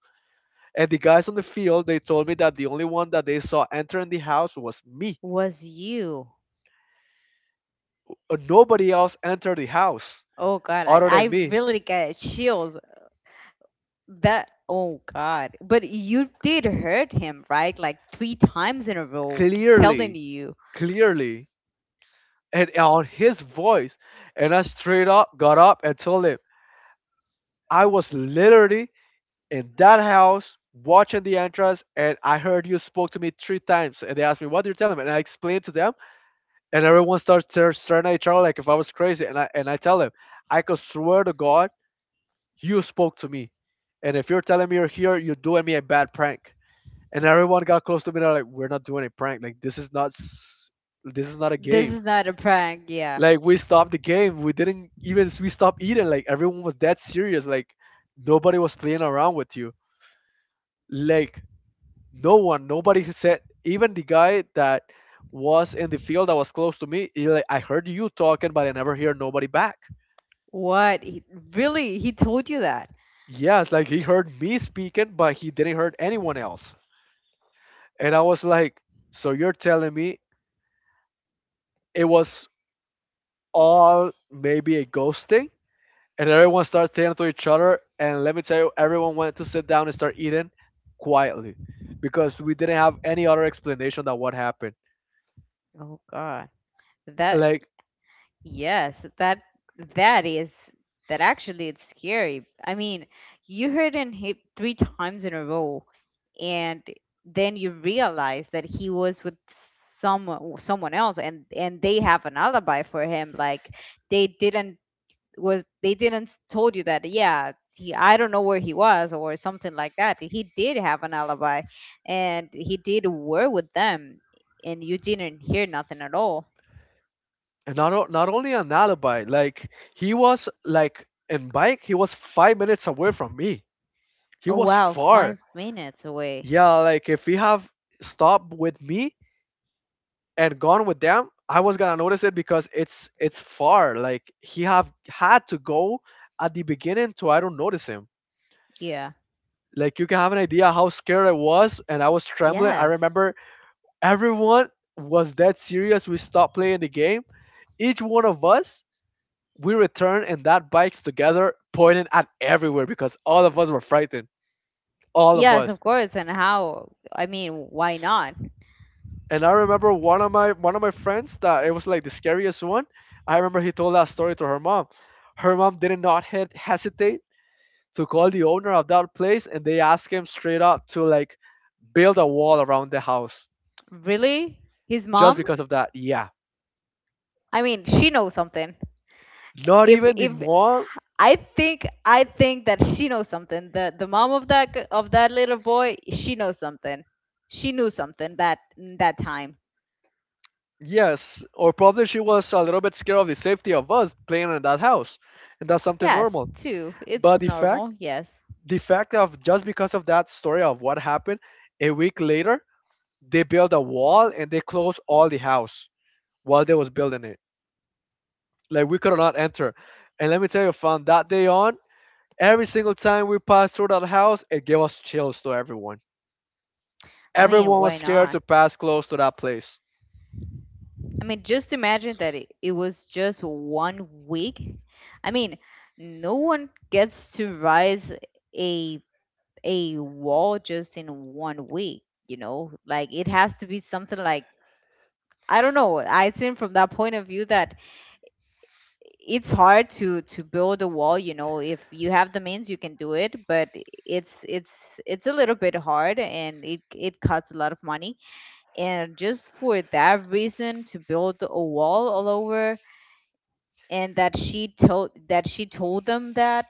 Speaker 2: And the guys on the field, they told me that the only one that they saw entering the house was me.
Speaker 1: was you.
Speaker 2: Nobody else entered the house
Speaker 1: Oh God, I,
Speaker 2: other
Speaker 1: I
Speaker 2: than me.
Speaker 1: really get chills. That Oh God. But you did hurt him, right? Like three times in a row. Telling
Speaker 2: clearly
Speaker 1: you.
Speaker 2: clearly and on his voice. And I straight up got up and told him, I was literally in that house watching the entrance, and I heard you spoke to me three times. And they asked me, what do you tell them? And I explained to them. And everyone starts staring at each other like if I was crazy. And I tell them, I could swear to God you spoke to me. And if you're telling me you're here, you're doing me a bad prank. And everyone got close to me, they're like, we're not doing a prank. Like, this is not this is not a
Speaker 1: This
Speaker 2: game.
Speaker 1: is not a prank, yeah.
Speaker 2: Like, we stopped the game. We didn't even we stopped eating. Like, everyone was that serious. Like, nobody was playing around with you. Like, no one, nobody has said, even the guy that was in the field that was close to me, he like, I heard you talking, but I never hear nobody back.
Speaker 1: What? Really? He told you that?
Speaker 2: Yeah, it's like he heard me speaking, but he didn't heard anyone else. And I was like, so you're telling me it was all maybe a ghosting? And everyone started saying to each other, and let me tell you, everyone went to sit down and start eating quietly because we didn't have any other explanation that what happened.
Speaker 1: Oh God. That
Speaker 2: Like,
Speaker 1: Yes, that that is that actually it's scary. I mean, you heard him hit three times in a row, and then you realize that he was with someone else, and they have an alibi for him. Like they didn't they didn't told you that. Yeah, he I don't know where he was or something like that. He did have an alibi, and he did were with them, and you didn't hear nothing at all.
Speaker 2: and not not only an alibi, like, he was like in bike, he was 5 minutes away from me. He
Speaker 1: Oh
Speaker 2: was
Speaker 1: wow, five
Speaker 2: far.
Speaker 1: minutes away.
Speaker 2: Yeah, like if he have stopped with me and gone with them, I was gonna notice it because it's far. Like he have had to go at the beginning to I don't notice him.
Speaker 1: Yeah.
Speaker 2: Like you can have an idea how scared I was, and I was trembling. I
Speaker 1: Yes.
Speaker 2: remember everyone was that serious. We stopped playing the game, each one of us. We returned and that bikes together pointing at everywhere because all of us were frightened. All of
Speaker 1: Yes, of
Speaker 2: us.
Speaker 1: course. And how? I mean, why not?
Speaker 2: And I remember one of my friends that it was like the scariest one. I remember he told that story to her mom. Her mom did not hesitate to call the owner of that place, and they asked him straight up to like build a wall around the house
Speaker 1: Really? His
Speaker 2: just
Speaker 1: mom?
Speaker 2: because of that. Yeah.
Speaker 1: I mean, she knows something.
Speaker 2: Not even the
Speaker 1: If
Speaker 2: mom.
Speaker 1: I think I think that she knows something. The mom of of that little boy, she knows something. She knew something that that time.
Speaker 2: Yes, or probably she was a little bit scared of the safety of us playing in that house, and that's something
Speaker 1: Yes,
Speaker 2: normal.
Speaker 1: too. It's
Speaker 2: But the fact,
Speaker 1: normal. Yes.
Speaker 2: the fact of just because of that story of what happened a week later, they built a wall and they closed all the house while they was building it, like, we could not enter. And let me tell you, from that day on, every single time we passed through that house, it gave us chills to everyone.
Speaker 1: I mean,
Speaker 2: Everyone was
Speaker 1: why
Speaker 2: scared
Speaker 1: not?
Speaker 2: to pass close to that place.
Speaker 1: I mean, just imagine that it was just one week. I mean, no one gets to rise a a wall just in one week, you know? Like it has to be something like, I don't know. I think from that point of view that it's hard to build a wall, if you have the means you can do it, but it's a little bit hard, and it costs a lot of money. And just for that reason to build a wall all over, and that she told them that,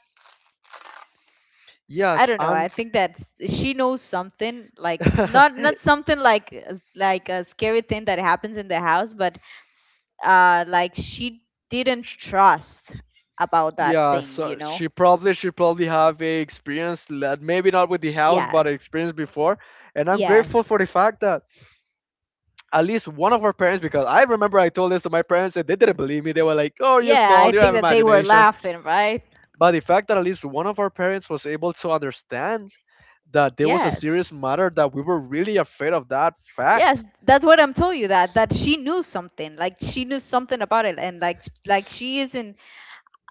Speaker 1: I
Speaker 2: Yes,
Speaker 1: don't know.
Speaker 2: I'm
Speaker 1: I think that she knows something, like not not something like, like, a scary thing that happens in the house, but like, she didn't
Speaker 2: Sh-
Speaker 1: trust about that
Speaker 2: yeah,
Speaker 1: thing, you
Speaker 2: so
Speaker 1: know?
Speaker 2: she probably have a experience that maybe not with the house, but
Speaker 1: Yes,
Speaker 2: experience before. And I'm grateful
Speaker 1: yes,
Speaker 2: for the fact that at least one of our parents, because I remember I told this to my parents and they didn't believe me. They were like, "Oh, you're
Speaker 1: yeah. I
Speaker 2: small, you
Speaker 1: think
Speaker 2: have
Speaker 1: that they were
Speaker 2: imagination."
Speaker 1: laughing, right?
Speaker 2: But the fact that at least one of our parents was able to understand that there was a
Speaker 1: Yes.
Speaker 2: serious matter that we were really afraid of that
Speaker 1: Yes,
Speaker 2: fact.
Speaker 1: that's what I'm telling you that she knew something. Like she knew something about it, and like she isn't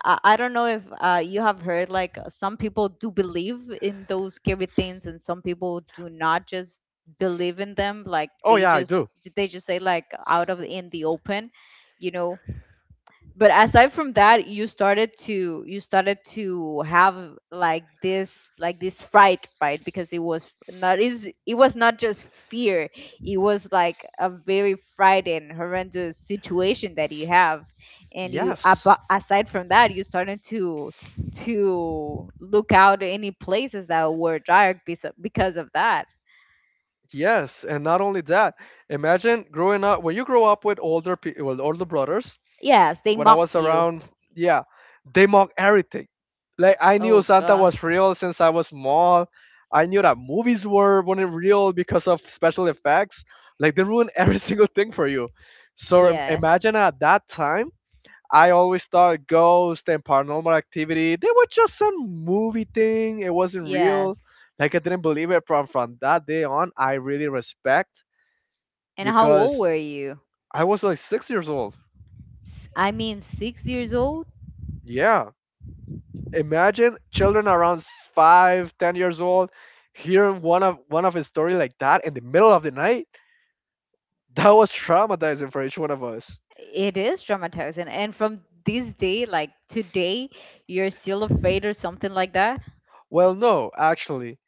Speaker 1: I don't know if, you have heard, like, some people do believe in those scary things, and some people do not just believe in them, like
Speaker 2: Oh
Speaker 1: they
Speaker 2: yeah, I
Speaker 1: just
Speaker 2: do.
Speaker 1: they just say, like, out of in the open you know but aside from that, you started to have like this fright, right? Because it was not, is it was not just fear. It was like a very frightened, horrendous situation that you have. And you,
Speaker 2: Yes.
Speaker 1: aside from that, you started to look out any places that were dark, because of that.
Speaker 2: Yes, and not only that. Imagine growing up when you grow up with older people, well, older brothers,
Speaker 1: Yes, they
Speaker 2: when I
Speaker 1: mock
Speaker 2: was
Speaker 1: you.
Speaker 2: around, yeah, they mock everything. Like, I knew
Speaker 1: Oh
Speaker 2: Santa
Speaker 1: God.
Speaker 2: was real since I was small. I knew that movies were weren't real because of special effects. Like they ruin every single thing for you. So
Speaker 1: Yes.
Speaker 2: imagine at that time, I always thought ghost and paranormal activity they were just some movie thing. It wasn't
Speaker 1: Yes.
Speaker 2: real. Like I didn't believe it from that day on. I really respect
Speaker 1: And how old
Speaker 2: because
Speaker 1: were you?
Speaker 2: I was like 6 years old.
Speaker 1: I mean, 6 years old.
Speaker 2: Yeah, imagine children around 5, 10 years old hearing one of his story like that in the middle of the night. That was traumatizing for each one of us.
Speaker 1: It is traumatizing. And from this day, like today, you're still afraid or something like that?
Speaker 2: Well, no, actually.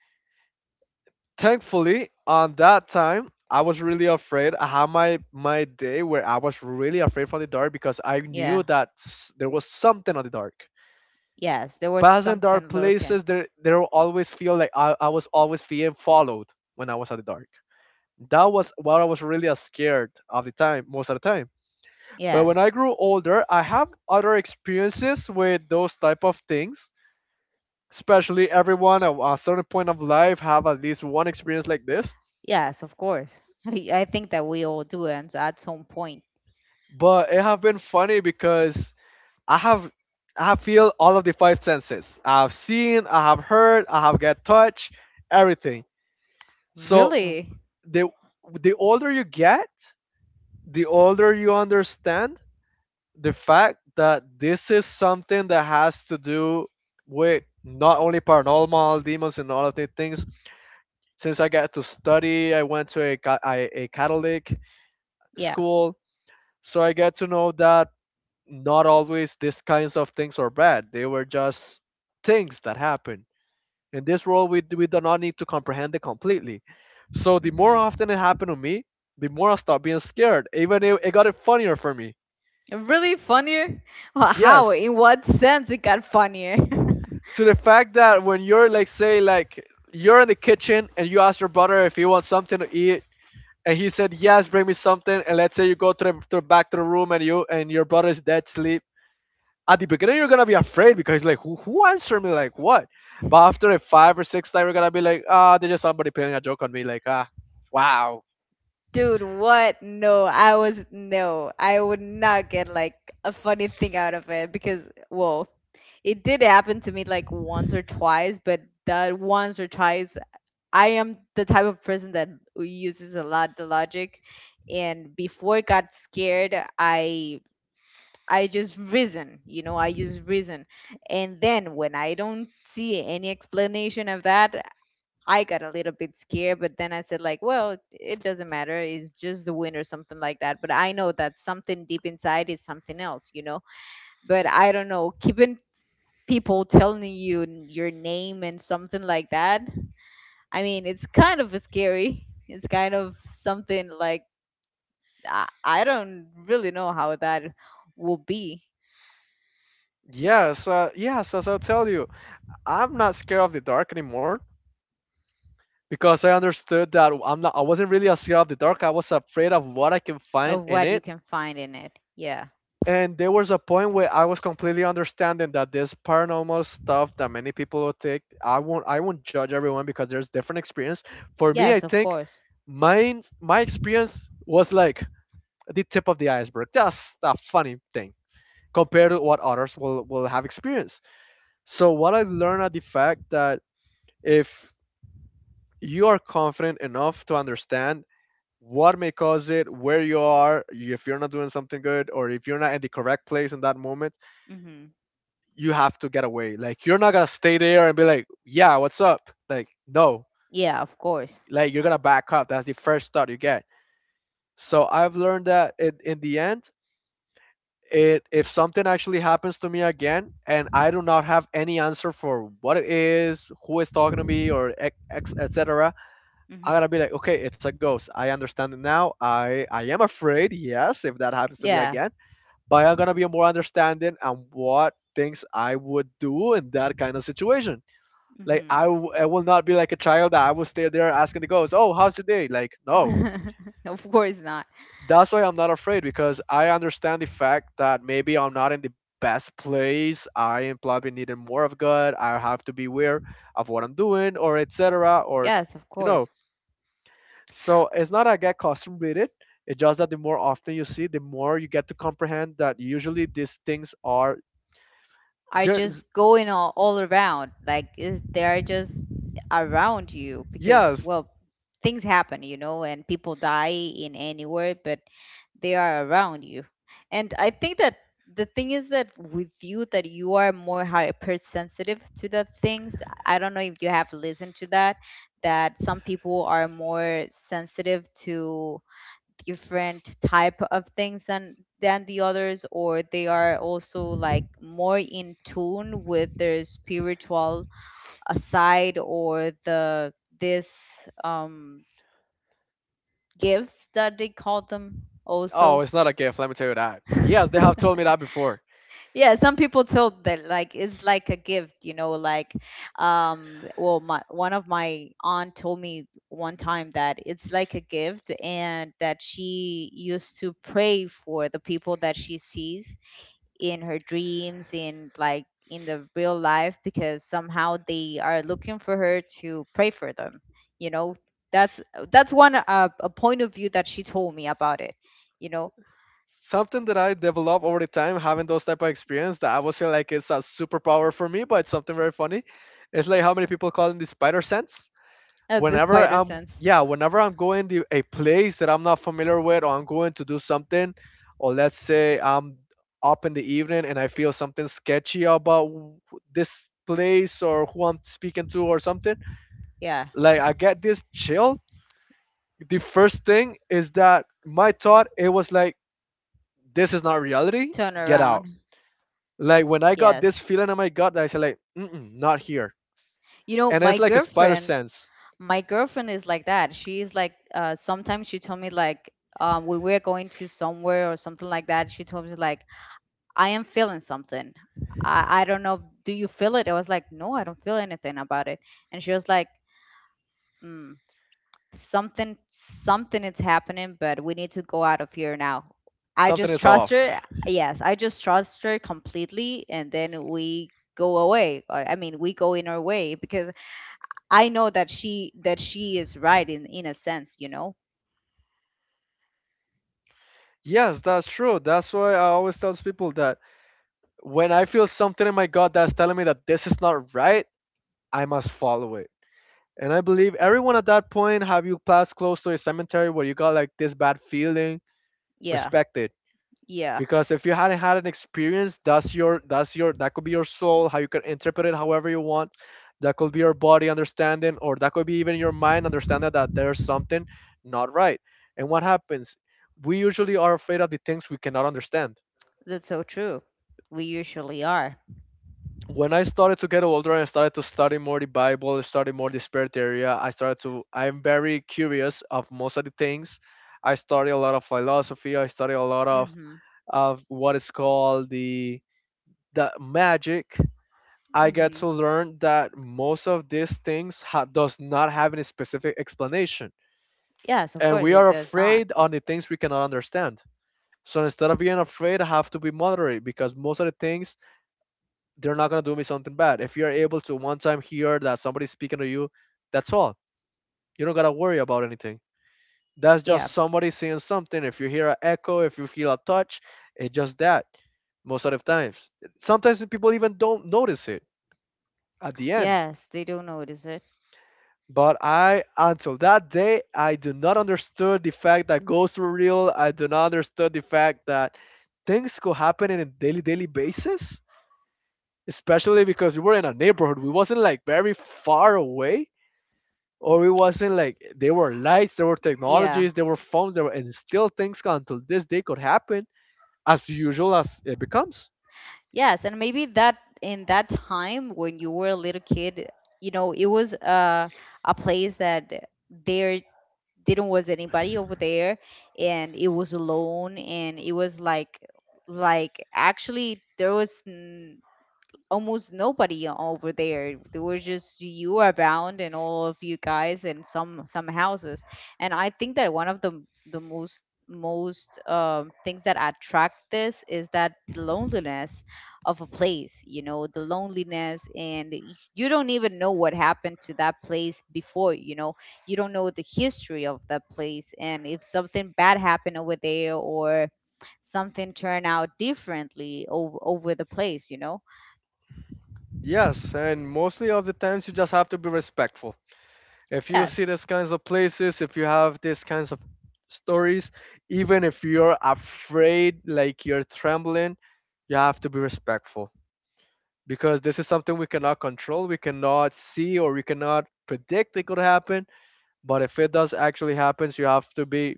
Speaker 2: Thankfully, on that time, I was really afraid. I had my day where I was really afraid from the dark because I knew
Speaker 1: Yeah.
Speaker 2: that there was something on the dark.
Speaker 1: Yes, there was
Speaker 2: Passing dark
Speaker 1: something lurking.
Speaker 2: places, there will always feel like I was always being followed when I was at the dark. That was what I was really scared of the time, most of the time. But when I
Speaker 1: Yes.
Speaker 2: grew older, I have other experiences with those type of things. Especially everyone at a certain point of life have at least one experience like this.
Speaker 1: Yes, of course. I think that we all do and at some point.
Speaker 2: But it have been funny because I have I have feel all of the five senses. I have seen, I have heard, I have get touch, everything. So
Speaker 1: Really?
Speaker 2: the the older you get, the older you understand the fact that this is something that has to do with not only paranormal demons and all of these things since I get to study. I went to a catholic
Speaker 1: Yeah.
Speaker 2: school, so I get to know that not always these kinds of things are bad. They were just things that happen in this world. We do not need to comprehend it completely. So the more
Speaker 1: Hmm.
Speaker 2: often it happened to me, the more I stopped being scared. Even it got it funnier for me.
Speaker 1: Really funnier? Well, how?
Speaker 2: Yes,
Speaker 1: In what sense it got funnier?
Speaker 2: to the fact that when you're like, say like, you're in the kitchen and you ask your brother if he wants something to eat, and he said, yes, bring me something. And let's say you go to to the back to the room, and your brother is dead sleep. At the beginning you're gonna be afraid because he's like, who answered me, like, what? But after a five or six time, you're gonna be like, ah, there's just somebody playing a joke on me, like, ah, wow.
Speaker 1: Dude, what? No, I was No, I would not get like a funny thing out of it because, well, it did happen to me like once or twice, but that once or twice, I am the type of person that uses a lot the logic, and before I got scared, I just reason, I use reason. And then when I don't see any explanation of that, I got a little bit scared, but then I said like, well, it doesn't matter. It's just the wind or something like that. But I know that something deep inside is something else. But I don't know, keeping people telling you your name and something like that. I mean, it's kind of scary. It's kind of something like, I don't really know how that will be,
Speaker 2: Yes, yes, as I'll tell you, I'm not scared of the dark anymore because I understood that I wasn't really scared of the dark. I was afraid of what I can find
Speaker 1: of
Speaker 2: in
Speaker 1: what you
Speaker 2: it.
Speaker 1: can find in it. Yeah.
Speaker 2: And there was a point where I was completely understanding that this paranormal stuff that many people will take, I won't judge everyone because there's different experience. For me, I
Speaker 1: Yes, of
Speaker 2: think
Speaker 1: course.
Speaker 2: mine my experience was like the tip of the iceberg, just a funny thing compared to what others will have experienced. So what I learned at the fact that if you are confident enough to understand what may cause it, where you are, if you're not doing something good or if you're not at the correct place in that moment,
Speaker 1: Mhm.
Speaker 2: you have to get away. Like you're not gonna stay there and be like, yeah, what's up? Like no,
Speaker 1: Yeah, of course.
Speaker 2: like you're gonna back up. That's the first thought you get. So I've learned that it, in the end, it if something actually happens to me again and I do not have any answer for what it is, who is talking to me, or etc. I gotta
Speaker 1: Mhm.
Speaker 2: be like, okay, it's a ghost. I understand it now. I am afraid, yes, if that happens to me
Speaker 1: Yeah.
Speaker 2: again, but I'm gonna be more understanding on what things I would do in that kind of situation. Like
Speaker 1: Mhm.
Speaker 2: I will not be like a child that I will stay there asking the ghost, "Oh, how's your day?" Like no,
Speaker 1: Of course not.
Speaker 2: that's why I'm not afraid because I understand the fact that maybe I'm not in the best place. I am probably needing more of God. I have to be aware of what I'm doing, or etc. Or
Speaker 1: Yes, of
Speaker 2: you know,
Speaker 1: course.
Speaker 2: so it's not I get accustomed with it. It's just that the more often you see, the more you get to comprehend that usually these things are
Speaker 1: Are
Speaker 2: there.
Speaker 1: just going all around. Like, they are just around you because,
Speaker 2: Yes.
Speaker 1: well, things happen, and people die in anywhere, but they are around you. And I think that the thing is that with you, that you are more hypersensitive to the things. I don't know if you have listened to that, that some people are more sensitive to different type of things than the others, or they are also like more in tune with their spiritual, side, or the this gifts that they call them
Speaker 2: Oh,
Speaker 1: also.
Speaker 2: it's not a gift. Let me tell you that. Yes, they have told me that before.
Speaker 1: Yeah, some people told that, like, it's like a gift, you know, like, well my one of my aunt told me one time that it's like a gift, and that she used to pray for the people that she sees in her dreams, in like in the real life because somehow they are looking for her to pray for them, you know. That's that's one a point of view that she told me about it, you know,
Speaker 2: Something that I develop over the time, having those type of experience that I would say like it's a superpower for me, but it's something very funny. It's like how many people call it the spider sense.
Speaker 1: of the
Speaker 2: Whenever
Speaker 1: spider
Speaker 2: I'm
Speaker 1: sense.
Speaker 2: yeah, whenever I'm going to a place that I'm not familiar with, or I'm going to do something, or let's say I'm up in the evening and I feel something sketchy about this place or who I'm speaking to or something,
Speaker 1: Yeah,
Speaker 2: like I get this chill. The first thing is that my thought it was like, this is not reality.
Speaker 1: turn
Speaker 2: Get out.
Speaker 1: around.
Speaker 2: Like when I got this
Speaker 1: Yes.
Speaker 2: feeling in my gut, I said like, mm-mm, not here.
Speaker 1: You know,
Speaker 2: And it's like a spider sense.
Speaker 1: my girlfriend is like that. She's like, sometimes she told me like, when we're going to somewhere or something like that, she told me like, I am feeling something. I don't know. Do you feel it? I was like, no, I don't feel anything about it. And she was like, mm, something, something is happening, but we need to go out of here now. I
Speaker 2: Something
Speaker 1: just
Speaker 2: is
Speaker 1: trust
Speaker 2: off.
Speaker 1: her. Yes, I just trust her completely, and then we go away. I mean, we go in our way because I know that she is right in a sense.
Speaker 2: Yes, that's true. That's why I always tell people that when I feel something in my gut that's telling me that this is not right, I must follow it. And I believe everyone at that point, have you passed close to a cemetery where you got like this bad feeling,
Speaker 1: Yeah.
Speaker 2: respect it.
Speaker 1: Yeah.
Speaker 2: Because if you hadn't had an experience, that's your that could be your soul, how you can interpret it however you want, that could be your body understanding, or that could be even your mind understanding that there's something not right. And what happens, we usually are afraid of the things we cannot understand.
Speaker 1: That's so true. We usually are.
Speaker 2: When I started to get older and started to study more the Bible, study more the spirit area, I started to, I'm very curious of most of the things. I study a lot of philosophy, I study a lot
Speaker 1: Mhm.
Speaker 2: of what is called the magic. I get to
Speaker 1: Mhm.
Speaker 2: learn that most of these things does not have any specific explanation,
Speaker 1: Yes, of
Speaker 2: and
Speaker 1: course
Speaker 2: we
Speaker 1: it
Speaker 2: are
Speaker 1: does not.
Speaker 2: afraid on the things we cannot understand. So instead of being afraid, I have to be moderate because most of the things, they're not gonna do me something bad. If you're able to one time hear that somebody's speaking to you, that's all. You don't gotta worry about anything. That's
Speaker 1: Yeah.
Speaker 2: just somebody saying something. If you hear an echo, if you feel a touch, it's just that. Most of the times, sometimes people even don't notice it at the end.
Speaker 1: Yes, they don't notice it.
Speaker 2: But I, until that day, I do not understood the fact that ghosts were real. I do not understood the fact that things could happen in a daily, daily basis. Especially because we were in a neighborhood, we wasn't like very far away, or we wasn't like there were lights, there were
Speaker 1: Yeah.
Speaker 2: technologies, there were phones, there were, and still things until this day could happen as usual as it becomes.
Speaker 1: Yes, and maybe that in that time when you were a little kid, you know, it was a place that there didn't was anybody over there and it was alone and it was like actually almost nobody over there. There was just you around and all of you guys and some houses. And I think that one of the most most things that attract this is that the loneliness of a place, you know, the loneliness, and you don't even know what happened to that place before, you know, you don't know the history of that place, and if something bad happened over there or something turn out differently over the place, you know.
Speaker 2: Yes, and mostly of the times you just have to be respectful. If you see
Speaker 1: Yes.
Speaker 2: these kinds of places, if you have these kinds of stories, even if you're afraid, like you're trembling, you have to be respectful because this is something we cannot control. We cannot see or we cannot predict it could happen. But if it does actually happens, you have to be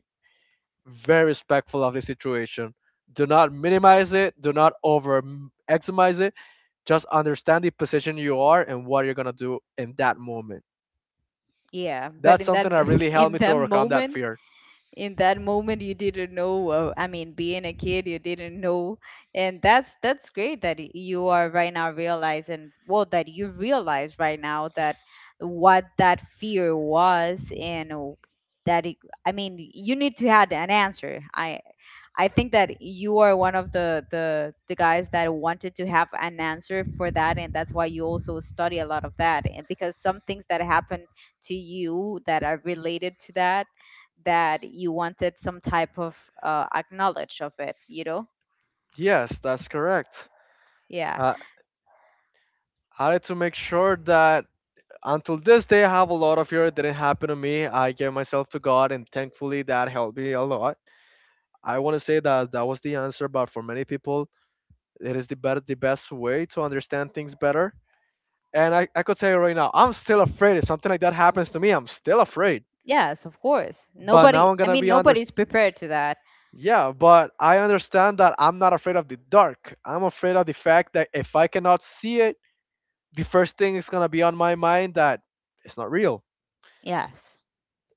Speaker 2: very respectful of the situation. Do not minimize it. Do not over maximize it. Just understand the position you are and what you're gonna do in that moment.
Speaker 1: Yeah. But
Speaker 2: That's
Speaker 1: in that
Speaker 2: something that really helped
Speaker 1: in
Speaker 2: me to
Speaker 1: that
Speaker 2: overcome that
Speaker 1: moment,
Speaker 2: fear.
Speaker 1: in that moment you didn't know, I mean, being a kid you didn't know, and that's great that you are right now realizing, well, that you realize right now that what that fear was and that it, I mean, you need to have an answer. I think that you are one of the guys that wanted to have an answer for that, and that's why you also study a lot of that, and because some things that happen to you that are related to that, you wanted some type of acknowledge of it, you know?
Speaker 2: Yes, that's correct.
Speaker 1: Yeah.
Speaker 2: Uh, I had to make sure that until this day I have a lot of fear. It didn't happen to me. I gave myself to God, and thankfully that helped me a lot. I want to say that that was the answer, but for many people, it is the better, the best way to understand things better. And I could tell you right now, I'm still afraid. If something like that happens to me, I'm still afraid.
Speaker 1: Yes, of course.
Speaker 2: But
Speaker 1: Nobody,
Speaker 2: now I'm
Speaker 1: I
Speaker 2: gonna
Speaker 1: mean,
Speaker 2: be under.
Speaker 1: nobody's prepared to that.
Speaker 2: Yeah, but I understand that I'm not afraid of the dark. I'm afraid of the fact that if I cannot see it, the first thing is gonna be on my mind that it's not real.
Speaker 1: Yes.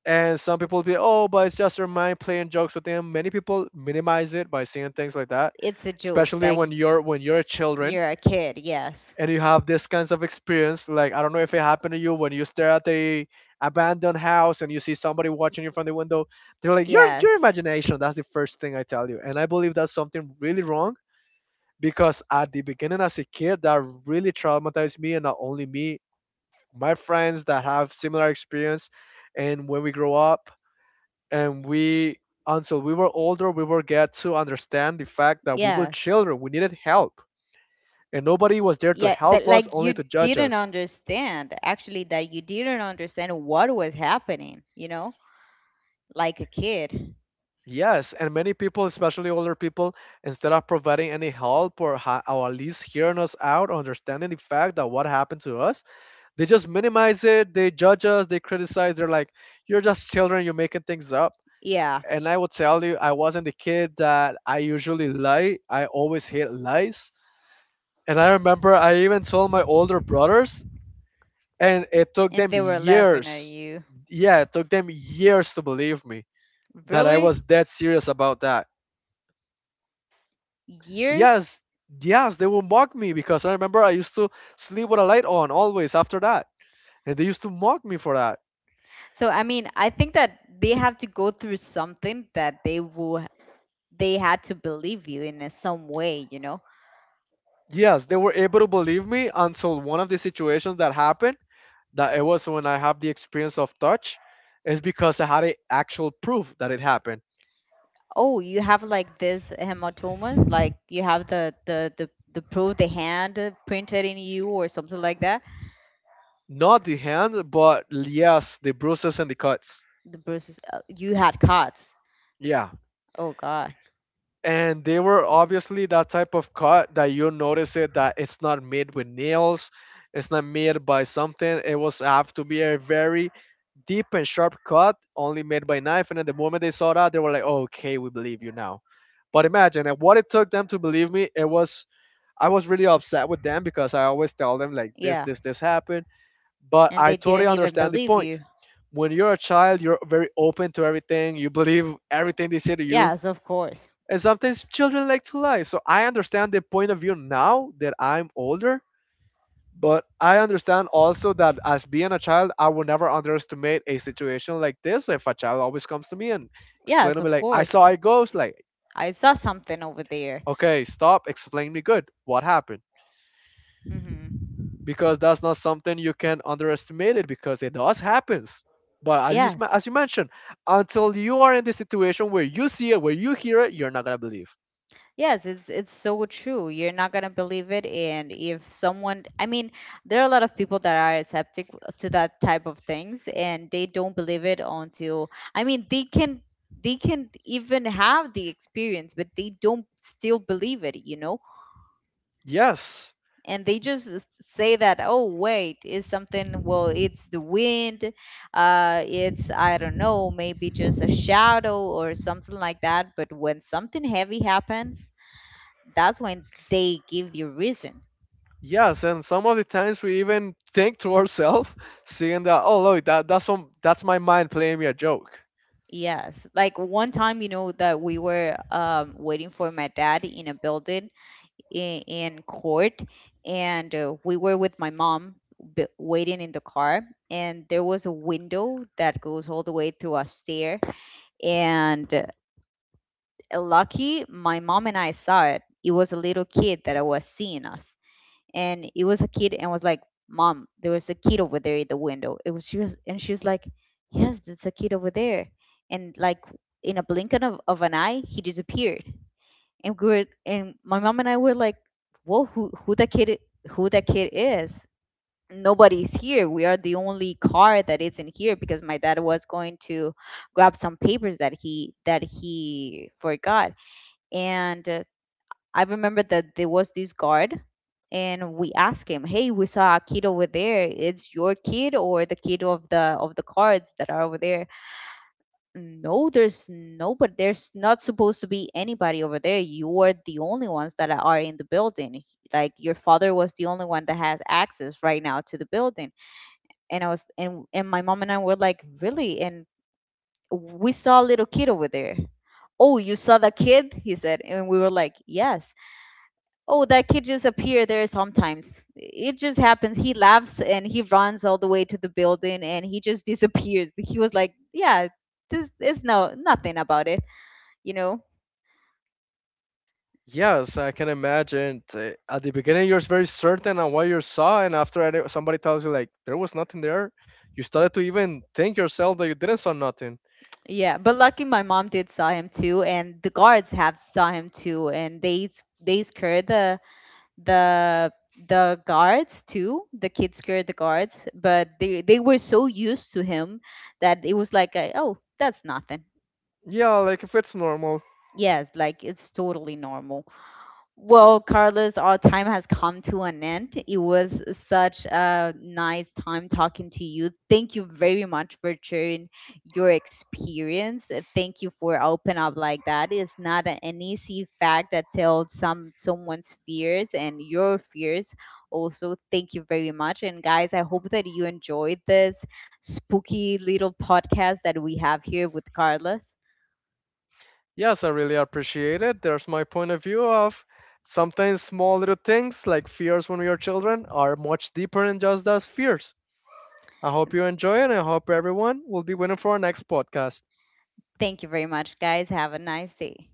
Speaker 2: And some people will be, oh, but it's just your mind playing jokes with them. Many people minimize it by saying things like that,
Speaker 1: It's a joke.
Speaker 2: especially
Speaker 1: Like
Speaker 2: when you're children
Speaker 1: you're a kid. Yes.
Speaker 2: and you have this kinds of experience. Like I don't know if it happened to you when you stare at the abandoned house and you see somebody watching you from the window. They're like, your
Speaker 1: Yes.
Speaker 2: imagination. That's the first thing I tell you, and I believe that's something really wrong because at the beginning as a kid that really traumatized me, and not only me, my friends that have similar experience. And when we grow up and we until we were older, we will get to understand the fact that we were
Speaker 1: Yes.
Speaker 2: children, we needed help, and nobody was there to
Speaker 1: Yeah. That
Speaker 2: help us,
Speaker 1: like
Speaker 2: only
Speaker 1: you
Speaker 2: to judge
Speaker 1: didn't
Speaker 2: us.
Speaker 1: understand, actually, that you didn't understand what was happening, you know, like a kid.
Speaker 2: Yes, and many people, especially older people, instead of providing any help, or or at least hearing us out, or understanding the fact that what happened to us, they just minimize it, they judge us, they criticize, they're like, you're just children, you're making things up.
Speaker 1: Yeah.
Speaker 2: And I will tell you, I wasn't the kid that I usually lie. I always hate lies. And I remember I even told my older brothers, and it took
Speaker 1: And
Speaker 2: them
Speaker 1: they were laughing at
Speaker 2: years.
Speaker 1: you.
Speaker 2: Yeah, it took them years to believe me that I was
Speaker 1: Really?
Speaker 2: that serious about that.
Speaker 1: Years?
Speaker 2: Yes, yes, they would mock me because I remember I used to sleep with a light on always after that. And they used to mock me for that.
Speaker 1: So I mean, I think that they have to go through something that they had to believe you in some way, you know.
Speaker 2: Yes, they were able to believe me until one of the situations that happened, that it was when I have the experience of touch, is because I had a actual proof that it happened.
Speaker 1: Oh, you have like this hematomas, like you have the proof, the hand printed in you or something like that.
Speaker 2: Not the hand, but yes, the bruises and the cuts.
Speaker 1: The bruises, you had cuts.
Speaker 2: Yeah.
Speaker 1: Oh God,
Speaker 2: And they were obviously that type of cut that you notice it that it's not made with nails, it's not made by something. It was have to be a very deep and sharp cut, only made by knife. And at the moment they saw that, they were like, "Okay, we believe you now." But imagine, and what it took them to believe me, it was I was really upset with them because I always tell them like this,
Speaker 1: yeah,
Speaker 2: this, this happened. But
Speaker 1: and
Speaker 2: I
Speaker 1: they
Speaker 2: totally
Speaker 1: didn't even
Speaker 2: understand the
Speaker 1: believe
Speaker 2: point.
Speaker 1: you.
Speaker 2: When you're a child, you're very open to everything. You believe everything they say to you.
Speaker 1: Yes, of course.
Speaker 2: And sometimes children like to lie. So I understand the point of view now that I'm older. But I understand also that as being a child, I will never underestimate a situation like this. If a child always comes to me and explain
Speaker 1: Yes,
Speaker 2: to me
Speaker 1: of
Speaker 2: like, I
Speaker 1: course.
Speaker 2: saw a ghost, like,
Speaker 1: I saw something over there.
Speaker 2: okay, stop, explain me good. What happened?
Speaker 1: Mm-hmm.
Speaker 2: Because that's not something you can underestimate it because it does happens. But as you sma-
Speaker 1: Yes.
Speaker 2: as you mentioned, until you are in the situation where you see it, where you hear it, you're not going to believe.
Speaker 1: Yes, it's so true. You're not gonna believe it, and if someone, I mean, there are a lot of people that are skeptic to that type of things, and they don't believe it until, I mean, they can even have the experience, but they don't still believe it, you know?
Speaker 2: Yes,
Speaker 1: And they just say that, oh, wait, it's something, well, it's the wind, it's, I don't know, maybe just a shadow or something like that. But when something heavy happens, that's when they give you reason.
Speaker 2: yes, and some of the times we even think to ourselves seeing that, oh look, that's my mind playing me a joke.
Speaker 1: Yes. Like one time, you know, that we were waiting for my dad in a building in court, and we were with my mom waiting in the car, and there was a window that goes all the way through a stair. And lucky, my mom and I saw it. It was a little kid that I was seeing us, and it was a kid, and was like, mom, there was a kid over there at the window. It was She was, and she was like, yes, that's a kid over there. And like, in a blink of an eye, he disappeared. And we were, and my mom and I were like, whoa, who that kid, who that kid is. Nobody's here. We are the only car that isn't here, because my dad was going to grab some papers that he forgot. And I remember that there was this guard, and we asked him, "Hey, we saw a kid over there. It's your kid or the kid of the cards that are over there?" No, there's no, but there's not supposed to be anybody over there. You are the only ones that are in the building. Like your father was the only one that has access right now to the building. And I was, and my mom and I were like, really? And we saw a little kid over there. Oh, you saw the kid? He said, and we were like, yes. Oh, that kid just appear there sometimes. It just happens. He laughs and he runs all the way to the building and he just disappears. He was like, "Yeah, this is no nothing about it," you know.
Speaker 2: Yes, I can imagine, at the beginning you're very certain on what you saw, and after somebody tells you like there was nothing there, you started to even think yourself that you didn't saw nothing.
Speaker 1: Yeah, but lucky my mom did saw him too, and the guards have saw him too, and they they scared the the guards too. The kids scared the guards, but they were so used to him that it was like, a, "Oh, that's nothing."
Speaker 2: Yeah, like if it's normal.
Speaker 1: Yes, like it's totally normal. Well, Carlos, our time has come to an end. It was such a nice time talking to you. Thank you very much for sharing your experience. Thank you for open up like that. It's not an easy fact that tells some someone's fears and your fears. Also, thank you very much. And guys, I hope that you enjoyed this spooky little podcast that we have here with Carlos.
Speaker 2: Yes, I really appreciate it. There's my point of view of sometimes small little things like fears when we are children are much deeper than just those fears. I hope you enjoy it and I hope everyone will be waiting for our next podcast.
Speaker 1: Thank you very much, guys. Have a nice day.